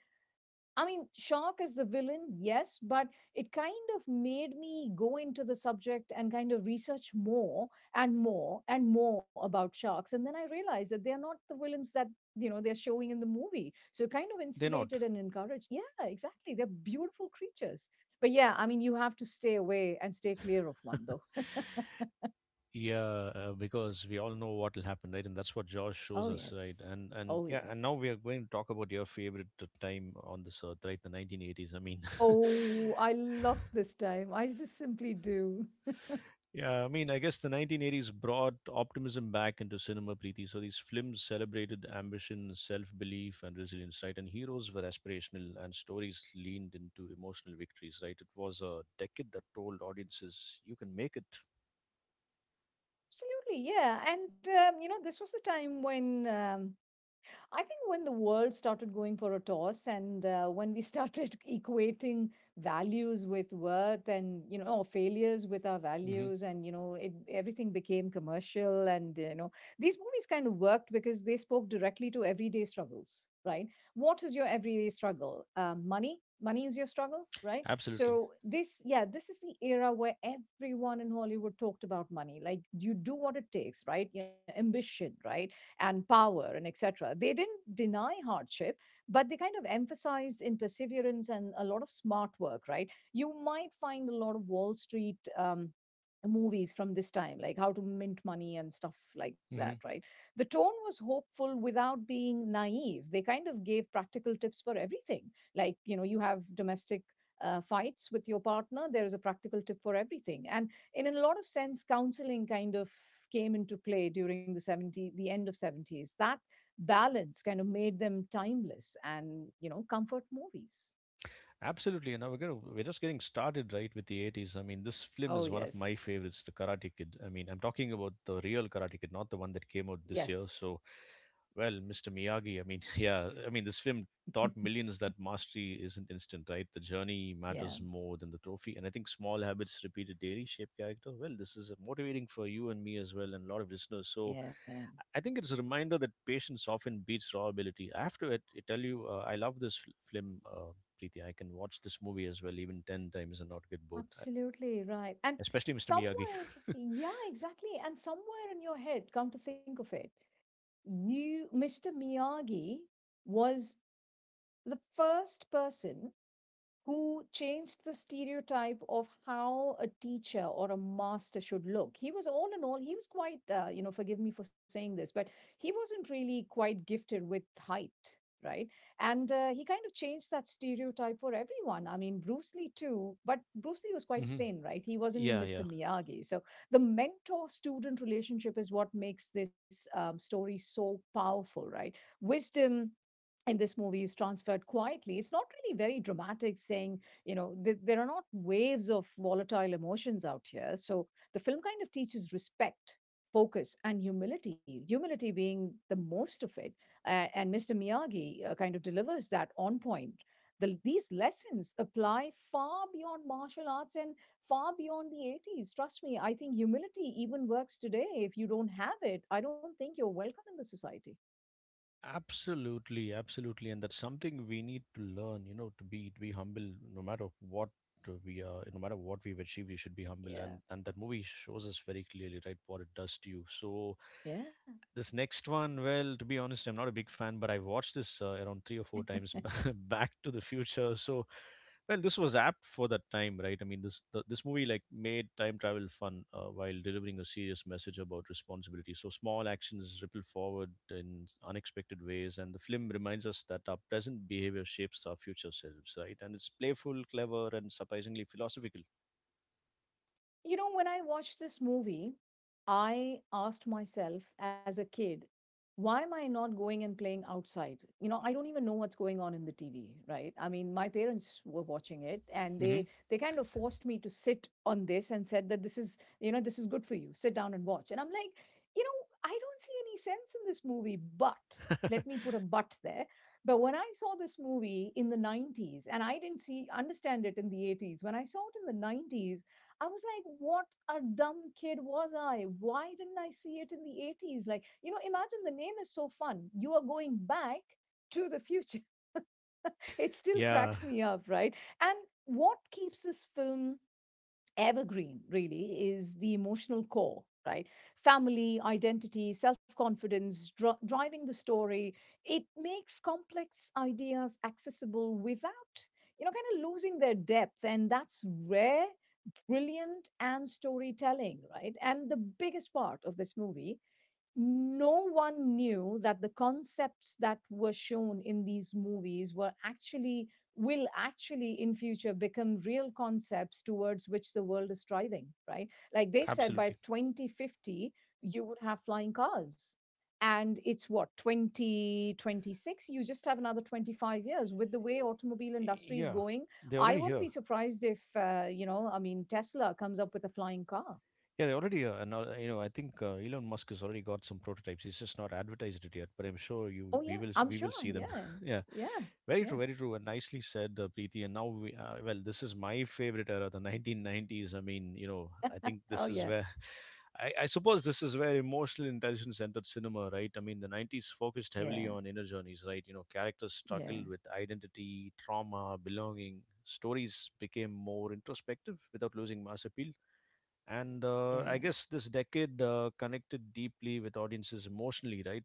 S2: I mean, Shock is the villain, yes, but it kind of made me go into the subject and kind of research more and more about sharks. And then I realized that they're not the villains that, you know, they're showing in the movie. So it kind of
S1: They're not.
S2: instigated and encouraged. Yeah, exactly. They're beautiful creatures. But yeah, I mean, you have to stay away and stay clear of one, though.
S1: Yeah, because we all know what will happen, right? And that's what Josh
S2: Oh,
S1: shows us, right?
S2: yes.
S1: And
S2: Oh,
S1: and yeah, and now
S2: yes.
S1: we are going to talk about your favorite time on this earth, right? The 1980s. I mean,
S2: Oh, I love this time. I just simply do.
S1: yeah, I mean, I guess the 1980s brought optimism back into cinema, Preeti. So these films celebrated ambition, self-belief, and resilience, right? And heroes were aspirational, and stories leaned into emotional victories, right? It was a decade that told audiences, "You can make it."
S2: Absolutely, yeah. And this was the time when I think when the world started going for a toss and when we started equating values with worth or failures with our
S1: Hmm.
S2: values and everything became commercial, and, you know, These movies kind of worked because they spoke directly to everyday struggles, right? What is your everyday struggle? Money? Money is your struggle, right?
S1: Absolutely.
S2: So this is the era where everyone in Hollywood talked about money. Like you do what it takes, right? Your ambition, right? And power and etc. They didn't deny hardship, but they kind of emphasized in perseverance and a lot of smart work, right? You might find a lot of Wall Street. Movies from this time, like how to mint money and stuff like that,
S1: Hmm.
S2: right? The tone was hopeful without being naive. They kind of gave practical tips for everything. Like, you know, you have domestic fights with your partner, there is a practical tip for everything. And in a lot of sense, counseling kind of came into play during the end of 70s. That balance kind of made them timeless, and, you know, comfort movies.
S1: Absolutely, you know, we're just getting started, right, with the 80s. I mean, this film
S2: Oh,
S1: is one of my
S2: yes.
S1: favorites, The Karate Kid. I mean, I'm talking about the real Karate Kid, not the one that came out this
S2: Yes.
S1: year. So, well, Mr. Miyagi, I mean, yeah, I mean, this film taught millions that mastery isn't instant, right? The journey
S2: Yeah.
S1: matters more than the trophy. And I think small habits repeated daily shape character. Well, this is motivating for you and me as well, and a lot of listeners. So,
S2: Yeah.
S1: I think it's a reminder that patience often beats raw ability. I have to ad- Tell you, I love this film. Preeti. I can watch this movie as well, even 10 times and not get bored,
S2: Absolutely, right. and
S1: especially Mr. Miyagi.
S2: somewhere yeah exactly, and somewhere in your head, come to think of it, you, Mr. Miyagi, was the first person who changed the stereotype of how a teacher or a master should look. He was all in all, he was quite, you know, forgive me for saying this, but he wasn't really quite gifted with height. Right. And he kind of changed that stereotype for everyone. I mean, Bruce Lee too, but Bruce Lee was quite
S1: Hmm.
S2: thin, right? He wasn't
S1: Yeah,
S2: Mr.
S1: yeah.
S2: Miyagi. So the mentor student relationship is what makes this story so powerful, right? Wisdom in this movie is transferred quietly. It's not really very dramatic, saying, you know, there are not waves of volatile emotions out here. So the film kind of teaches respect, focus, and humility, humility being the most of it. And Mr. Miyagi kind of delivers that on point. These lessons apply far beyond martial arts and far beyond the 80s. Trust me, I think humility even works today. If you don't have it, I don't think you're welcome in the society.
S1: Absolutely, absolutely. And that's something we need to learn, you know, to be humble no matter what we are, no matter what we've achieved, we should be humble.
S2: Yeah.
S1: And that movie shows us very clearly, right, what it does to you. So
S2: Yeah.
S1: this next one, well, to be honest, I'm not a big fan, but I watched this around three or four times back to the future. So, well, this was apt for that time, right? I mean, this movie like made time travel fun while delivering a serious message about responsibility. So small actions ripple forward in unexpected ways, and the film reminds us that our present behavior shapes our future selves, right? And it's playful, clever, and surprisingly philosophical.
S2: You know, when I watched this movie, I asked myself as a kid, why am I not going and playing outside? You know, I don't even know what's going on in the TV, right? I mean, my parents were watching it, and
S1: Hmm.
S2: they kind of forced me to sit on this and said that this is, you know, this is good for you. Sit down and watch. And I'm like, you know, I don't see any sense in this movie, but let me put a but there. But when I saw this movie in the 90s, and I didn't see understand it in the 80s, when I saw it in the 90s, I was like, what a dumb kid was I? Why didn't I see it in the 80s? Like, you know, imagine the name is so fun. You are going back to the future. It still
S1: Yeah,
S2: cracks me up, right? And what keeps this film evergreen really is the emotional core, right? Family, identity, self-confidence driving the story. It makes complex ideas accessible without, you know, kind of losing their depth, and that's rare, brilliant and storytelling, right? And the biggest part of this movie, no one knew that the concepts that were shown in these movies were actually will actually in future become real concepts towards which the world is striving, right? Like, they said by
S1: absolutely.
S2: 2050 you would have flying cars, and it's what, 2026? You just have another 25 years with the way automobile industry is
S1: Yeah,
S2: going.
S1: they're
S2: I
S1: already
S2: wouldn't
S1: here.
S2: be surprised if, you know, I mean, Tesla comes up with a flying car.
S1: Yeah, they already, you know, I think Elon Musk has already got some prototypes. He's just not advertised it yet, but I'm sure
S2: Oh
S1: you
S2: yeah,
S1: we
S2: I'm sure.
S1: will see them.
S2: Yeah.
S1: Yeah,
S2: Yeah. Yeah.
S1: very true, and nicely said, Preeti. And now well, this is my favorite era, the 1990s. I mean, you know, I think
S2: Oh,
S1: this is
S2: yeah.
S1: where. I suppose this is where emotional intelligence entered cinema, right? I mean, the 90s focused heavily
S2: Yeah.
S1: on inner journeys, right? You know, characters
S2: Yeah.
S1: struggled with identity, trauma, belonging. Stories became more introspective without losing mass appeal, and I
S2: Yeah.
S1: guess this decade connected deeply with audiences emotionally, right?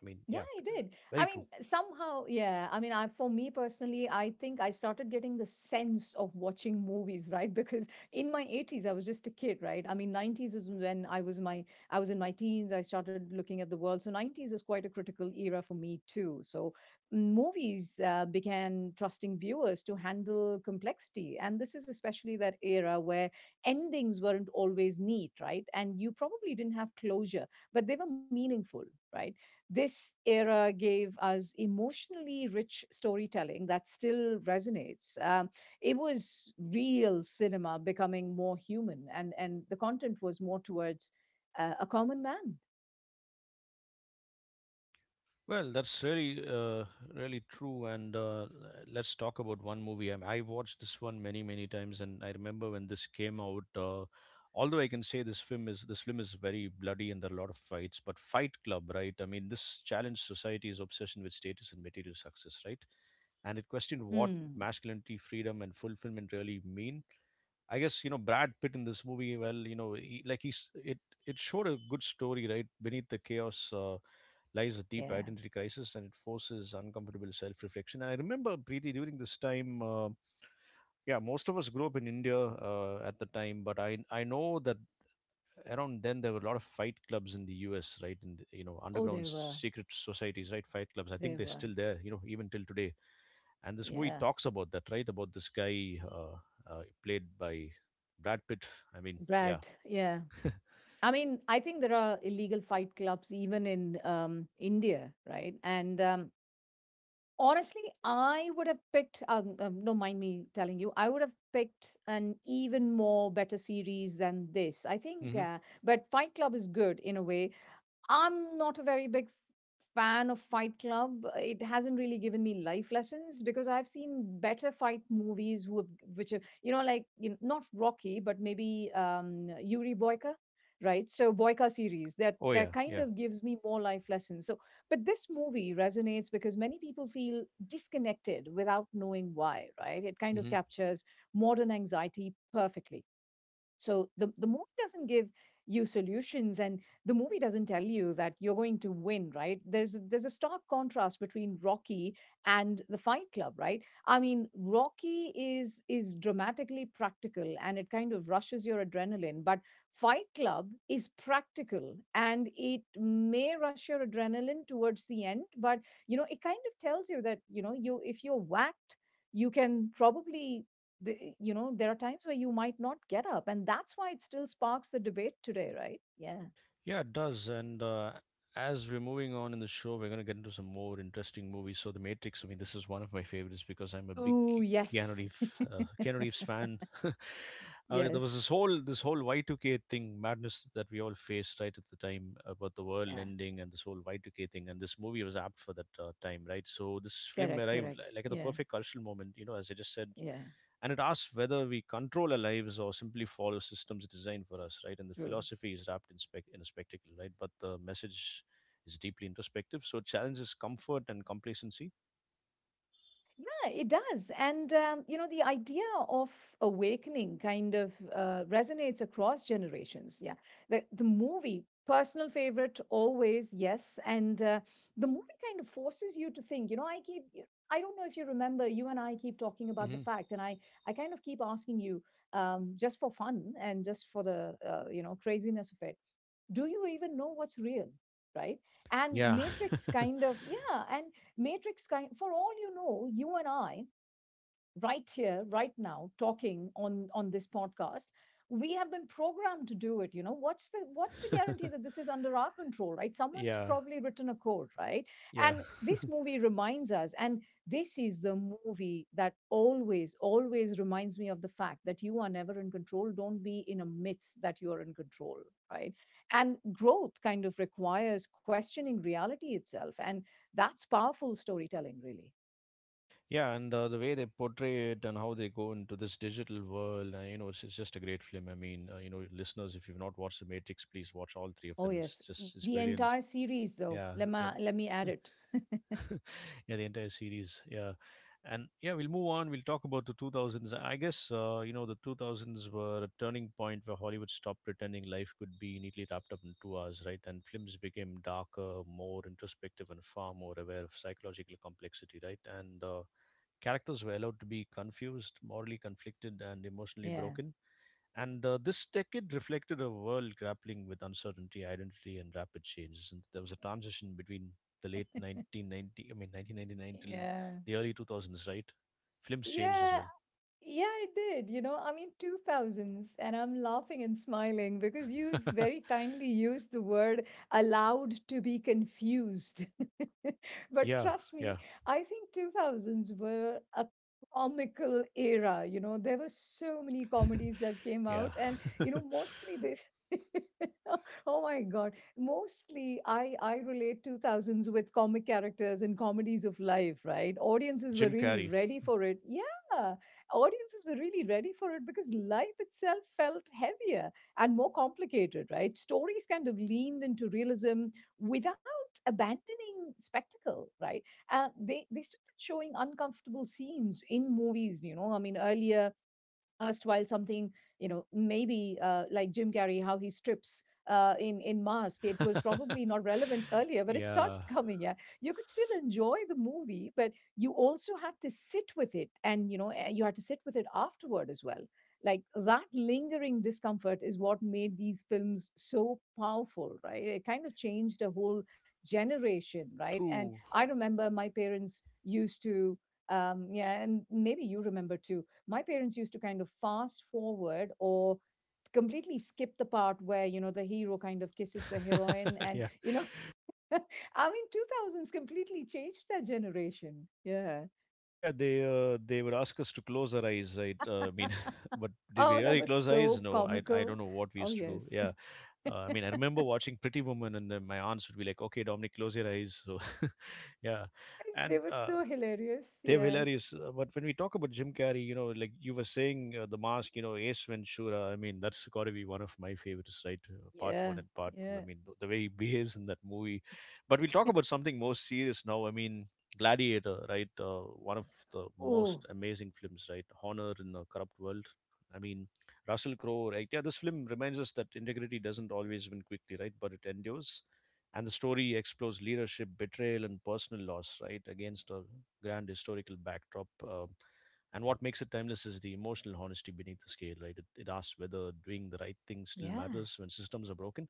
S1: I mean,
S2: Yeah,
S1: yeah,
S2: I did. I
S1: very true.
S2: mean, somehow, yeah. I mean, I for me personally, I think I started getting the sense of watching movies, right? Because in my 80s, I was just a kid, right? I mean, 90s is when I was in my teens, I started looking at the world. So 90s is quite a critical era for me too. So mm, movies began trusting viewers to handle complexity, and this is especially that era where endings weren't always neat, right? And you probably didn't have closure, but they were meaningful. Right. This era gave us emotionally rich storytelling that still resonates. It was real cinema becoming more human, and the content was more towards a common man.
S1: Well, that's really true. And Let's talk about one movie. I watched this one many, many times, and I remember when this came out. Although I can say this film is very bloody and there are a lot of fights, but Fight Club, right? I mean, this challenged society's obsession with status and material success, right? And it questioned what
S2: Mm,
S1: masculinity, freedom, and fulfillment really mean. I guess you know Brad Pitt in this movie. Well, you know, he, like he's it it showed a good story, right? Beneath the chaos lies a deep
S2: yeah.
S1: identity crisis, and it forces uncomfortable self-reflection. And I remember Preeti during this time. Yeah, most of us grew up in India at the time, but I know that around then there were a lot of fight clubs in the U.S. Right, and you know
S2: Oh, they
S1: underground
S2: were.
S1: secret societies, right? Fight clubs. I think
S2: They
S1: they're
S2: were.
S1: still there, you know, even till today. And this movie
S2: Yeah.
S1: talks about that, right? About this guy, played by Brad Pitt. I mean, yeah.
S2: Brad, yeah. I mean, I think there are illegal fight clubs even in India, right? And Honestly, I would have picked, don't mind me telling you, I would have picked an even more better series than this. I think,
S1: Hmm.
S2: but Fight Club is good in a way. I'm not a very big fan of Fight Club. It hasn't really given me life lessons because I've seen better fight movies who have, which are, you know, like, you know, not Rocky, but maybe Yuri Boyka, right? So Boyka series,
S1: Oh
S2: that
S1: yeah,
S2: kind
S1: yeah.
S2: of gives me more life lessons. So, but this movie resonates because many people feel disconnected without knowing why, right? It kind of
S1: Hmm.
S2: captures modern anxiety perfectly. So the movie doesn't give you solutions, and the movie doesn't tell you that you're going to win, right? There's a stark contrast between Rocky and the Fight Club, right? I mean, Rocky is dramatically practical and it kind of rushes your adrenaline, but Fight Club is practical and it may rush your adrenaline towards the end, but, you know, it kind of tells you that, you know, you, if you're whacked, you can probably you know, there are times where you might not get up, and that's why it still sparks the debate today, right? Yeah.
S1: Yeah, it does. And As we're moving on in the show, we're going to get into some more interesting movies. So, The Matrix, I mean, this is one of my favorites because I'm a big
S2: Oh
S1: Keanu
S2: yes.
S1: Reeves, Keanu Reeves fan. There was
S2: Yes.
S1: this whole Y2K thing, madness that we all faced, right, at the time about the world
S2: Yeah.
S1: ending and this whole Y2K thing. And this movie was apt for that time, right? So, this film
S2: Correct,
S1: arrived
S2: correct.
S1: like at the
S2: Yeah.
S1: perfect cultural moment, you know, as I just said,
S2: Yeah.
S1: and it asks whether we control our lives or simply follow systems designed for us, right? And the
S2: True.
S1: philosophy is wrapped in a spectacle, right? But the message is deeply introspective, so it challenges comfort and complacency.
S2: Yeah, it does. And, you know, the idea of awakening kind of resonates across generations. Yeah. The movie, personal favorite, always, yes. And the movie kind of forces you to think, you know, I don't know if you remember, you and I keep talking about the
S1: Hmm.
S2: fact, I kind of keep asking you just for fun and just for the, you know, craziness of it, do you even know what's real, right? and
S1: Yeah.
S2: matrix kind of yeah and matrix kind, for all you know, you and I, right here, right now, talking on this podcast, we have been programmed to do it. You know, what's the guarantee that this is under our control, right? Someone's
S1: Yeah.
S2: probably written a code, right?
S1: Yeah.
S2: And this movie reminds us, and this is the movie that always, always reminds me of the fact that you are never in control. Don't be in a myth that you are in control, right? And growth kind of requires questioning reality itself, and that's powerful storytelling, really.
S1: Yeah, and the way they portray it and how they go into this digital world, you know, it's just a great film. I mean, you know, listeners, if you've not watched The Matrix, please watch all three of
S2: Oh
S1: them. It's
S2: yes,
S1: just it's
S2: the
S1: brilliant.
S2: entire series though.
S1: Yeah,
S2: Let me
S1: the end.
S2: let me add it.
S1: Yeah, the entire series. Yeah, and yeah, we'll move on. We'll talk about the 2000s. I guess you know, the 2000s were a turning point where Hollywood stopped pretending life could be neatly wrapped up in 2 hours, right? And films became darker, more introspective, and far more aware of psychological complexity, right? And Characters were allowed to be confused, morally conflicted, and emotionally
S2: Yeah.
S1: broken. And This decade reflected a world grappling with uncertainty, identity, and rapid changes. And there was a transition between the late 1990, I mean 1999, till
S2: Yeah.
S1: the early 2000s, right? Films changed as
S2: Yeah. Yeah, I did. You know, I mean, 2000s, and I'm laughing and smiling because you
S1: well.
S2: very kindly used the word allowed to be confused. But
S1: Yeah,
S2: trust
S1: yeah,
S2: me, I think 2000s were a comical era. You know, there were so many comedies that came
S1: yeah.
S2: out, and, you know, mostly they. Oh my god, mostly I relate 2000s with comic characters and comedies of life, right? Audiences were
S1: Jim
S2: really
S1: Carrey.
S2: ready for it, yeah. Audiences were really ready for it because life itself felt heavier and more complicated, right? Stories kind of leaned into realism without abandoning spectacle, right? They started showing uncomfortable scenes in movies. You know, I mean, earlier, erstwhile something, you know, maybe like Jim Carrey, how he strips in mask, it was probably not relevant earlier, but it started
S1: Yeah,
S2: coming, yeah. You could still enjoy the movie, but you also had to sit with it, and, you know, you had to sit with it afterward as well. Like, that lingering discomfort is what made these films so powerful, right? It kind of changed a whole generation, right? And
S1: true.
S2: I remember my parents used to, yeah, and maybe you remember too, my parents used to kind of fast forward or completely skip the part where, you know, the hero kind of kisses the heroine and,
S1: Yeah.
S2: you know, I mean, 2000s completely changed that generation, yeah.
S1: Yeah, they would ask us to close our eyes, right? I mean, but did
S2: Oh,
S1: we
S2: that
S1: really
S2: was
S1: close eyes?
S2: so
S1: No, I
S2: comical.
S1: don't know what we
S2: Oh
S1: used to do.
S2: yes.
S1: Yeah, I mean, I remember watching Pretty Woman, and then my aunts would be like, "Okay, Dominic, close your eyes." So, yeah,
S2: They
S1: and
S2: were so hilarious,
S1: they're
S2: yeah.
S1: hilarious. But when we talk about Jim Carrey, you know, like you were saying, The Mask, you know, Ace Ventura, I mean, that's got to be one of my favorites, right? Part
S2: Yeah.
S1: one and part two. I
S2: Yeah.
S1: mean, the way he behaves in that movie. But we'll talk about something more serious now. I mean, Gladiator, right? One of the
S2: Oh
S1: most amazing films, right? Honor in a Corrupt World. I mean, Russell Crowe, right? Yeah, this film reminds us that integrity doesn't always win quickly, right? But it endures, and the story explores leadership, betrayal, and personal loss, right, against a grand historical backdrop. And what makes it timeless is the emotional honesty beneath the scale, right? It asks whether doing the right thing still
S2: yeah.
S1: matters when systems are broken.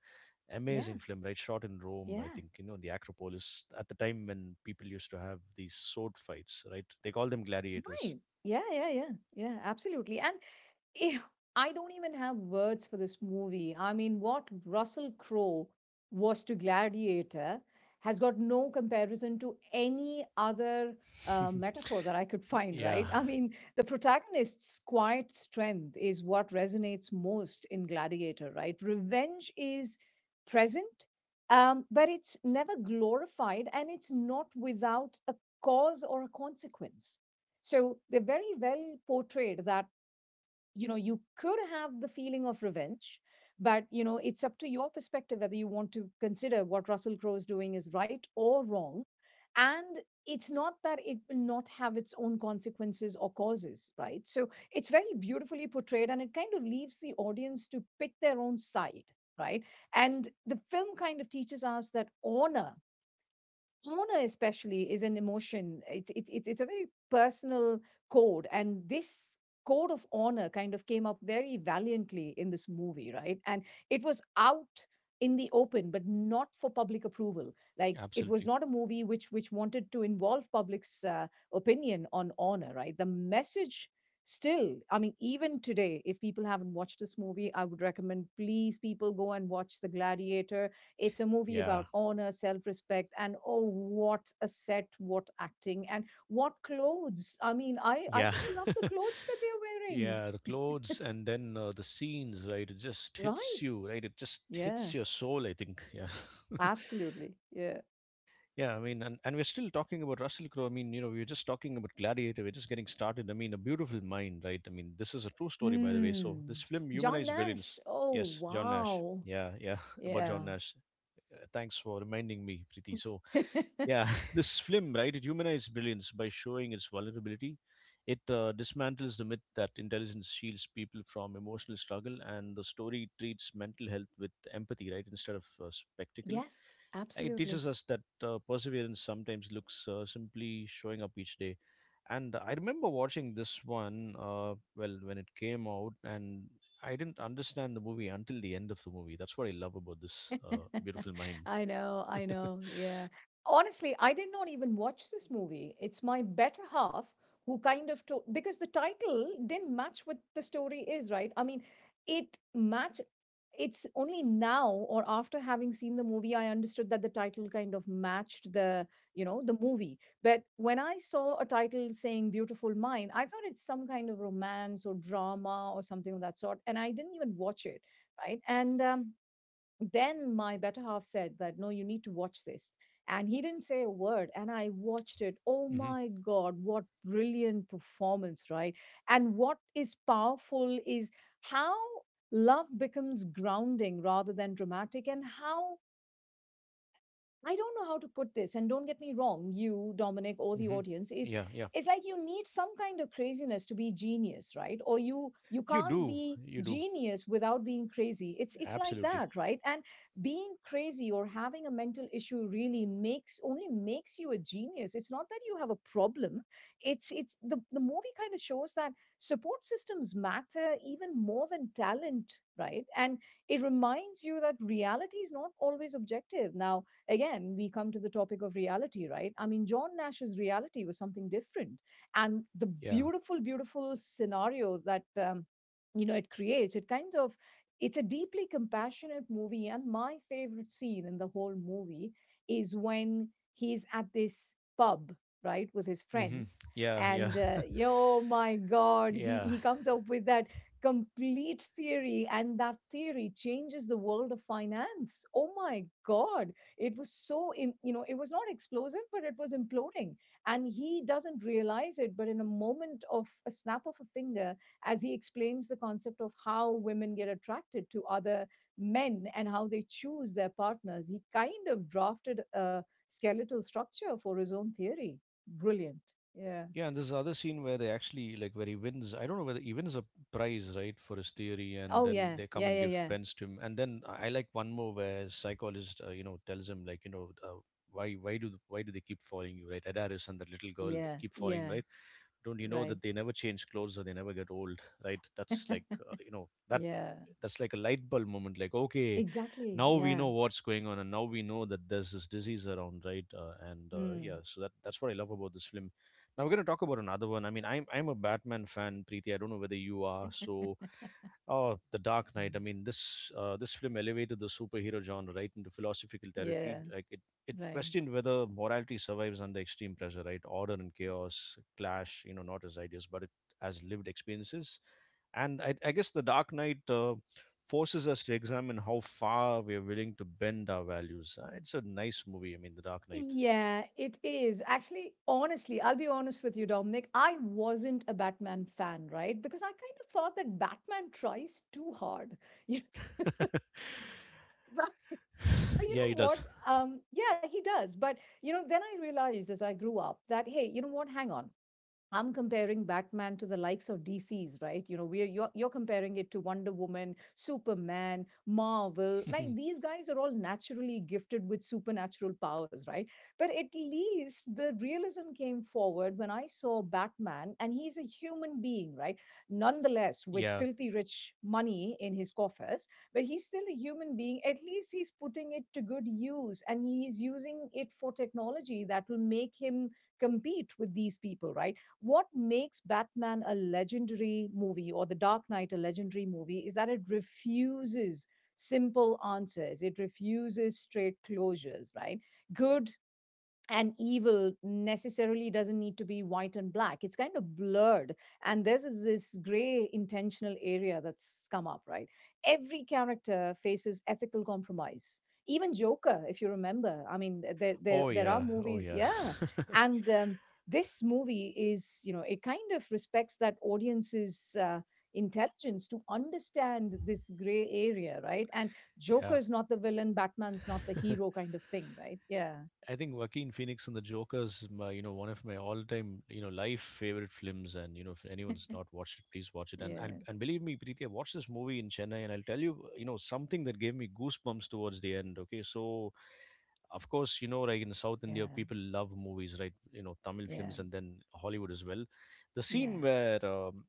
S2: Yeah.
S1: Amazing film, right? Shot in Rome, I
S2: Yeah.
S1: think, you know, the Acropolis, at the time when people used to have these sword fights, right? They call them gladiators.
S2: Right. Yeah. Yeah. Yeah. Yeah, absolutely. And eh, I don't even have words for this movie. I mean, what Russell Crowe was to Gladiator has got no comparison to any other metaphor that I could find,
S1: Yeah,
S2: right? I mean, the protagonist's quiet strength is what resonates most in Gladiator, right? Revenge is present, but it's never glorified and it's not without a cause or a consequence. So they're very well portrayed that you know you could have the feeling of revenge, but you know it's up to your perspective whether you want to consider what Russell Crowe is doing is right or wrong. And it's not that it will not have its own consequences or causes, right? So it's very beautifully portrayed, and it kind of leaves the audience to pick their own side, right? And the film kind of teaches us that honor, honor especially is an emotion. It's a very personal code, and this code of honor kind of came up very valiantly in this movie, right? And it was out in the open but not for public approval. Like, it was
S1: absolutely.
S2: not a movie which wanted to involve public's opinion on honor, right? The message still, I mean, even today if people haven't watched this movie, I would recommend, please people go and watch the Gladiator. It's a movie
S1: Yeah,
S2: about honor, self respect, and oh, what a set, what acting, and what clothes. I mean, I
S1: yeah.
S2: just love the clothes that they're wearing.
S1: Yeah, the clothes and then the scenes, right? It just hits
S2: Right.
S1: you, right? It just
S2: Yeah,
S1: hits your soul, I think. Yeah.
S2: absolutely. Yeah.
S1: Yeah, I mean, and we're still talking about Russell Crowe. I mean, you know, we were just talking about Gladiator. We're just getting started. I mean, A Beautiful Mind, right? I mean, this is a true story, by the way. So
S2: Hmm.
S1: this film
S2: John
S1: humanized villains.
S2: Nash. Oh,
S1: Yes, John Nash.
S2: wow.
S1: Yeah, yeah, about
S2: Yeah.
S1: John Nash. Thanks for reminding me, Priti. So, yeah, this film, right? It humanizes brilliance by showing its vulnerability. It dismantles the myth that intelligence shields people from emotional struggle, and the story treats mental health with empathy, right, instead of spectacle.
S2: Yes,
S1: Like, it
S2: absolutely.
S1: teaches us that perseverance sometimes looks simply showing up each day. And I remember watching this one, well, when it came out, and I didn't understand the movie until the end of the movie. That's what I love about this beautiful mind.
S2: I know, I know. Yeah. Honestly, I did not even watch this movie. It's my better half who kind of told because the title didn't match what the story is, right? I mean, it match it's only now or after having seen the movie I understood that the title kind of matched the, you know, the movie. But when I saw a title saying Beautiful Mind, I thought it's some kind of romance or drama or something of that sort, and I didn't even watch it, right? And Then my better half said that no, you need to watch this, and he didn't say a word and I watched it. Oh
S1: Hmm.
S2: my God, what brilliant performance, right? And what is powerful is how love becomes grounding rather than dramatic, and how, I don't know how to put this, and don't get me wrong, you, Dominic, or the
S1: Hmm.
S2: audience, is,
S1: Yeah, yeah.
S2: it's like you need some kind of craziness to be genius, right? Or you
S1: You
S2: can't
S1: do,
S2: be
S1: you do,
S2: genius without being crazy. It's like
S1: absolutely.
S2: that, right? And being crazy or having a mental issue really makes, only makes you a genius. It's not that you have a problem. The movie kind of shows that support systems matter even more than talent, right? And it reminds you that reality is not always objective. Now again, we come to the topic of reality, right? I mean, John Nash's reality was something different. And the
S1: Yeah.
S2: beautiful, beautiful scenarios that, you know, it creates, it kind of, it's a deeply compassionate movie. And my favorite scene in the whole movie is when he's at this pub, right, with his
S1: Hmm.
S2: friends.
S1: Yeah, yeah,
S2: And oh my God,
S1: yeah.
S2: he comes up with that complete theory, and that theory changes the world of finance. Oh my God. It was so, you know, it was not explosive, but it was imploding. And he doesn't realize it, but in a moment of a snap of a finger, as he explains the concept of how women get attracted to other men and how they choose their partners, he kind of drafted a skeletal structure for his own theory. Brilliant. Yeah.
S1: Yeah, and there's the other scene where they actually like where he wins. I don't know whether he wins a prize, right, for his theory, and
S2: Oh,
S1: then
S2: yeah.
S1: they come
S2: Yeah.
S1: and
S2: Yeah.
S1: give
S2: Yeah.
S1: pens to him. And then I like one more where psychologist, tells him like, why do they keep following you, right? Adaris and that little girl
S2: Yeah.
S1: that keep following,
S2: Yeah.
S1: right? Don't you know
S2: Right.
S1: that they never change clothes or they never get old, right? That's like that
S2: Yeah.
S1: That's like a light bulb moment. Like okay,
S2: Exactly.
S1: now we
S2: Yeah.
S1: know what's going on, and now we know that there's this disease around, right? And
S2: Hmm.
S1: yeah, so that's what I love about this film. Now we're going to talk about another one. I mean, I'm a Batman fan, Preeti. I don't know whether you are. So, oh, The Dark Knight. I
S2: Mm.
S1: mean, this film elevated the superhero genre right into philosophical territory.
S2: Yeah,
S1: Like it
S2: right.
S1: questioned whether morality survives under extreme pressure, right? Order and chaos clash. You know, not as ideas, but as lived experiences. And I guess The Dark Knight forces us to examine how far we are willing to bend our values. It's a nice movie. I mean, The Dark Knight.
S2: Yeah, it is. Actually, honestly, I'll be honest with you, Dominic. I wasn't a Batman fan, right? Because I kind of thought that Batman tries too hard. You, but you
S1: Yeah, it
S2: know what?
S1: does.
S2: Yeah, he does. But you know, then I realized as I grew up that, hey, you know what? Hang on. I'm comparing Batman to the likes of DC's, right? You know, we're you're comparing it to Wonder Woman, Superman, Marvel. Like these guys are all naturally gifted with supernatural powers, right? But at least the realism came forward when I saw Batman, and he's a human being, right? Nonetheless, with
S1: Yeah.
S2: filthy rich money in his coffers, but he's still a human being. At least he's putting it to good use, and he's using it for technology that will make him compete with these people, right? What makes Batman a legendary movie or The Dark Knight a legendary movie is that it refuses simple answers, it refuses straight closures, right? Good and evil necessarily doesn't need to be white and black, it's kind of blurred. And this is this gray intentional area that's come up, right? Every character faces ethical compromise, even Joker, if you remember. I mean, there there,
S1: Oh
S2: there are
S1: yeah, oh
S2: movies,
S1: yeah,
S2: yeah. And this movie is, you know, it kind of respects that audience's intelligence to understand this gray area, right? And
S1: yeah.
S2: Joker's not the villain, Batman's not the hero kind of thing, right? Yeah.
S1: I think Joaquin Phoenix and the Joker is my, you know, one of my all-time, you know, life favorite films. And you know, if anyone's not watched it, please watch it. And
S2: Yeah.
S1: and, and believe me, Preeti, I watched this movie in Chennai, and I'll tell you, you know, something that gave me goosebumps towards the end. Okay, so of course, you know, like in South India,
S2: Yeah,
S1: people love movies, right? You know, Tamil
S2: yeah,
S1: films and then Hollywood as well. The scene
S2: yeah.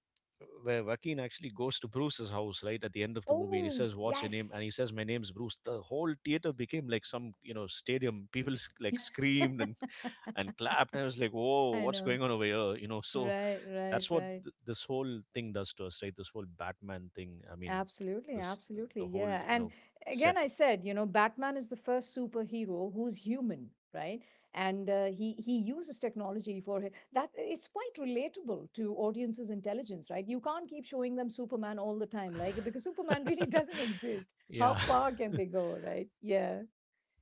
S1: where Joaquin actually goes to Bruce's house, right, at the end of the movie, and he
S2: Oh,
S1: says, "What's your name?" and he
S2: yes.
S1: says, "My name's Bruce." The whole theater became like some, you know, stadium. Like screamed and clapped. I was like, "Whoa,
S2: I
S1: what's
S2: know.
S1: going on over here?" You know, so
S2: Right, right,
S1: that's what
S2: right.
S1: this whole thing does to us, right? This whole Batman thing. I mean,
S2: Absolutely,
S1: this
S2: absolutely.
S1: the whole,
S2: Yeah.
S1: you
S2: And
S1: know, set.
S2: again, I said, you know, Batman is the first superhero who's human, right? And he uses technology for that. It's quite relatable to audiences' intelligence, right? You can't keep showing them Superman all the time, like because Superman really doesn't exist. How
S1: Yeah,
S2: far can they go, right? Yeah.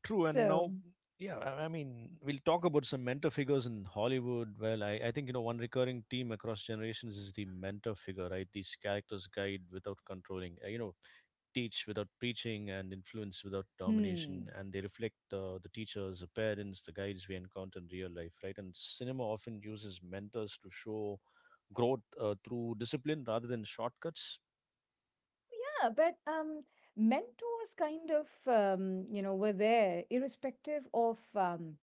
S1: true. And
S2: So,
S1: now, yeah, I mean, we'll talk about some mentor figures in Hollywood. Well, I think, you know, one recurring theme across generations is the mentor figure, right? These characters guide without controlling, teach without preaching and influence without domination.
S2: hmm.
S1: And they reflect the teachers, the parents, the guides we encounter in real life, right? And cinema often uses mentors to show growth through discipline rather than shortcuts.
S2: Yeah, but mentors kind of you know, were there irrespective of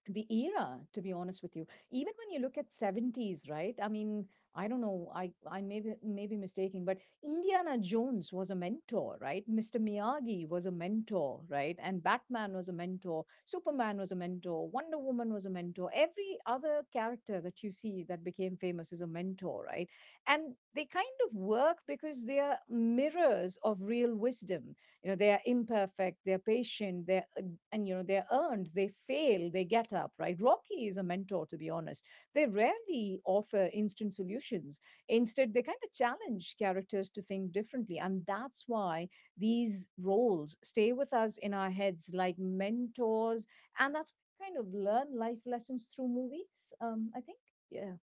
S2: the era, to be honest with you. Even when you look at 70's, right? I mean, I don't know, I may be mistaken, but Indiana Jones was a mentor, right? Mr. Miyagi was a mentor, right? And Batman was a mentor, Superman was a mentor, Wonder Woman was a mentor, every other character that you see that became famous is a mentor, right? And they kind of work because they are mirrors of real wisdom. You know, they are imperfect, they're patient, they're, and you know, they're earned, they fail, they get up, right? Rocky is a mentor, to be honest. They rarely offer instant solutions. Instead, they kind of challenge characters to think differently, and that's why these roles stay with us in our heads like mentors. And that's why we kind of learn life lessons through movies. Um, I think, yeah.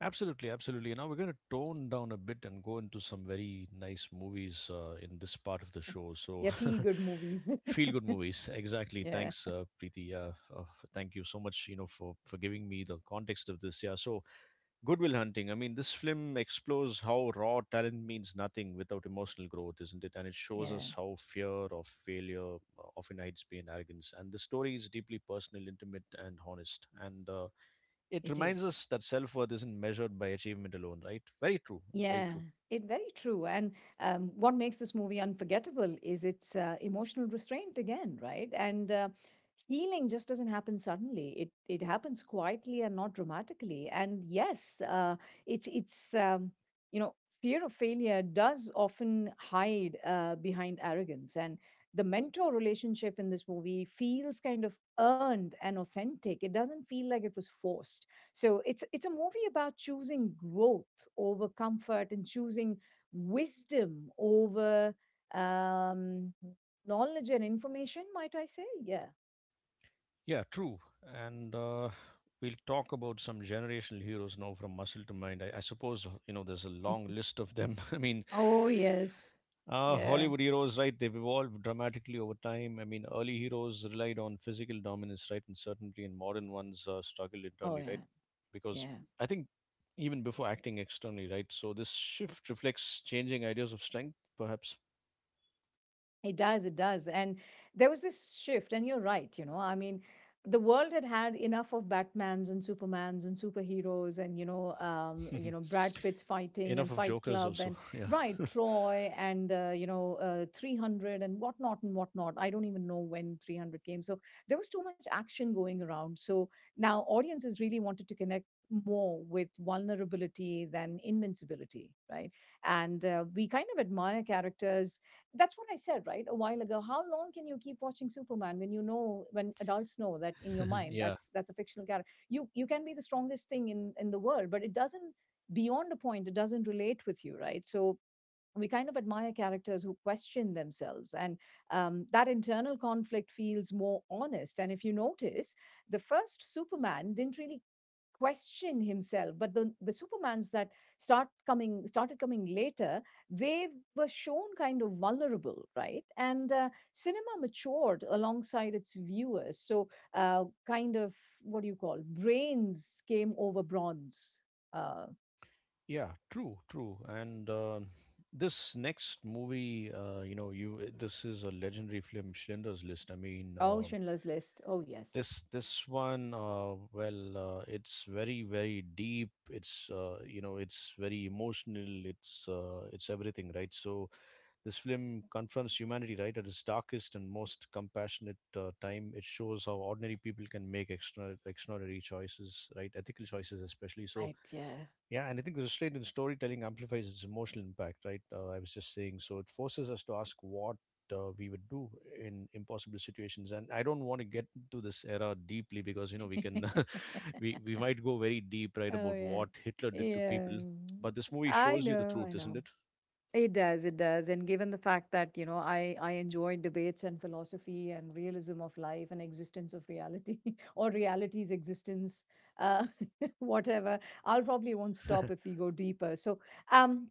S1: Absolutely, absolutely. Now we're going to tone down a bit and go into some very nice movies in this part of the show. So,
S2: Yeah, feel good movies.
S1: feel good movies. Exactly.
S2: Yeah,
S1: Thanks, Preeti. Yeah, uh, thank you so much. You know, for giving me the context of this. Yeah. So, Goodwill Hunting. I mean, this film explores how raw talent means nothing without emotional growth, isn't it? And it shows
S2: yeah,
S1: us how fear of failure often hides behind arrogance. And the story is deeply personal, intimate, and honest. And it
S2: it
S1: reminds
S2: is.
S1: us that self worth isn't measured by achievement alone, right? Very true. Very
S2: Yeah,
S1: true.
S2: it very true. And what makes this movie unforgettable is its emotional restraint again, right? And healing just doesn't happen suddenly, it happens quietly and not dramatically. And yes, it's you know, fear of failure does often hide behind arrogance. And the mentor relationship in this movie feels kind of earned and authentic, it doesn't feel like it was forced. So it's a movie about choosing growth over comfort and choosing wisdom over, um knowledge and information, might I say. Yeah.
S1: Yeah, true. And we'll talk about some generational heroes now from muscle to mind. I suppose, you know, there's a long list of them. I mean,
S2: Oh, yes. Yeah.
S1: Hollywood heroes, right? They've evolved dramatically over time. I mean, early heroes relied on physical dominance, right, and certainty, and modern ones struggle
S2: Oh
S1: internally, right?
S2: yeah,
S1: Because
S2: yeah.
S1: I think even before acting externally, right? So this shift reflects changing ideas of strength, perhaps.
S2: It does, it does. And there was this shift, and you're right, you know. I mean, the world had had enough of Batmans and Supermans and superheroes and, you know, Brad Pitt's fighting
S1: Enough
S2: and
S1: of
S2: Fight
S1: jokers,
S2: Club
S1: also.
S2: and,
S1: Yeah.
S2: right, Troy and, you know, 300 and whatnot and whatnot. I don't even know when 300 came. So there was too much action going around. So now audiences really wanted to connect more with vulnerability than invincibility, right? And we kind of admire characters, that's what I said, right, a while ago. How long can you keep watching Superman when you know, when adults know that in your mind
S1: Yeah.
S2: that's a fictional character? You can be the strongest thing in the world, but it doesn't, beyond a point. It doesn't relate with you, right? So we kind of admire characters who question themselves. And that internal conflict feels more honest. And if you notice, the first Superman didn't really question himself, but the Supermans that started coming later, they were shown kind of vulnerable, right? And cinema matured alongside its viewers, so kind of, what do you call, brains came over bronze. uh,
S1: Yeah. True. True. And this next movie, you this is a legendary film, Schindler's List. I mean,
S2: oh, Schindler's List. Oh yes.
S1: this this one, well, it's very very deep. It's it's very emotional. It's everything, right? So this film confronts humanity right at its darkest and most compassionate time. It shows how ordinary people can make extraordinary choices, right? Ethical choices, especially. So,
S2: Right, yeah.
S1: yeah, and I think the restraint in storytelling amplifies its emotional impact, right? I was just saying. So, it forces us to ask what we would do in impossible situations. And I don't want to get into this era deeply, because you know we can we might go very deep, right,
S2: Oh
S1: about
S2: yeah.
S1: what Hitler did to
S2: Yeah.
S1: people. But this movie
S2: I
S1: shows you the
S2: know,
S1: truth,
S2: I
S1: isn't
S2: know.
S1: it?
S2: It does, it does. And given the fact that, you know, I enjoy debates and philosophy and realism of life and existence of reality or reality's existence, uh whatever. I'll probably won't stop if we go deeper. So, um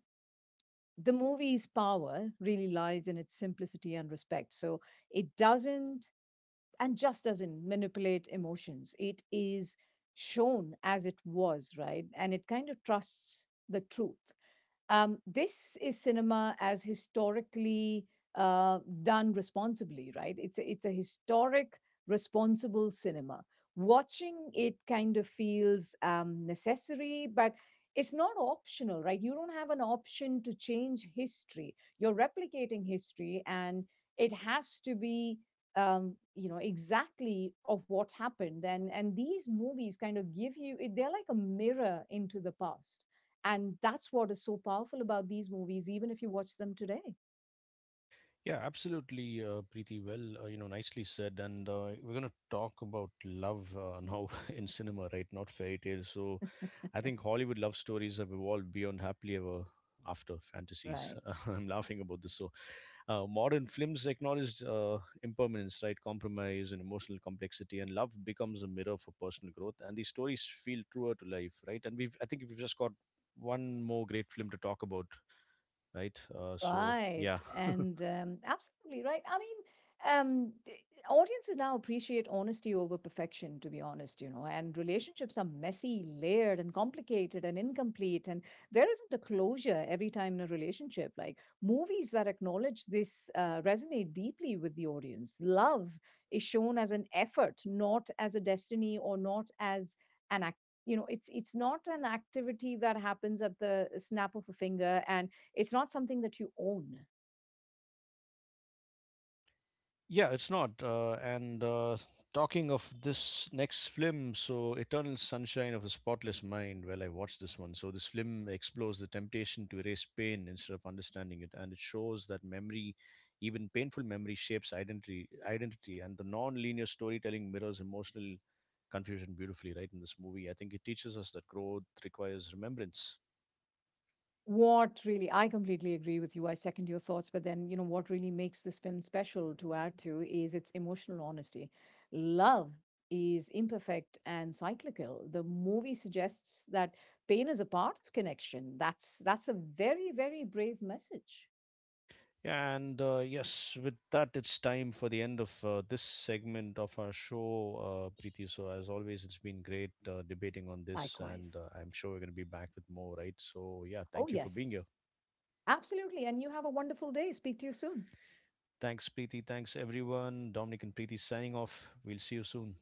S2: the movie's power really lies in its simplicity and respect. So, it doesn't and just doesn't manipulate emotions. It is shown as it was, right? And it kind of trusts the truth. This is cinema as historically done responsibly, right? It's a historic, responsible cinema. Watching it kind of feels necessary, but it's not optional, right? You don't have an option to change history. You're replicating history, and it has to be you know, exactly of what happened. And these movies kind of give you it, they're like a mirror into the past. And that's what is so powerful about these movies, even if you watch them today,
S1: Yeah, absolutely, Preeti. Well, you know, nicely said. And we're going to talk about love now in cinema, right? Not fairy tales. So I think Hollywood love stories have evolved beyond happily ever after fantasies.
S2: right?
S1: I'm laughing about this. So modern films acknowledge impermanence, right? Compromise and emotional complexity, and love becomes a mirror for personal growth. And these stories feel truer to life, right? And we've, I think, we've just got one more great film to talk about, right? So
S2: Right.
S1: yeah.
S2: And absolutely right. I mean, um, the- audiences now appreciate honesty over perfection, to be honest, you know, and relationships are messy, layered, and complicated and incomplete. And there isn't a closure every time in a relationship. Like movies that acknowledge this resonate deeply with the audience. Love is shown as an effort, not as a destiny or not as an act. You know, it's not an activity that happens at the snap of a finger, and it's not something that you own.
S1: Yeah, it's not. And talking of this next film, so Eternal Sunshine of a Spotless Mind, well, I watched this one. So this film explores the temptation to erase pain instead of understanding it, and it shows that memory, even painful memory, shapes identity, and the non-linear storytelling mirrors emotional confusion beautifully. Right in this movie, I think it teaches us that growth requires remembrance.
S2: What really, I completely agree with you. I second your thoughts. But then, you know, what really makes this film special to add to is its emotional honesty. Love is imperfect and cyclical. The movie suggests that pain is a part of connection. That's a very, very brave message.
S1: And Yes, with that, it's time for the end of this segment of our show, Preeti. So, as always, it's been great debating on this, and
S2: Likewise.
S1: I'm sure we're going to be back with more, right? So, yeah,
S2: Oh
S1: thank you for being
S2: yes.
S1: here.
S2: Absolutely. And you have a wonderful day. Speak to you soon.
S1: Thanks, Preeti. Thanks, everyone. Dominic and Preeti signing off. We'll see you soon.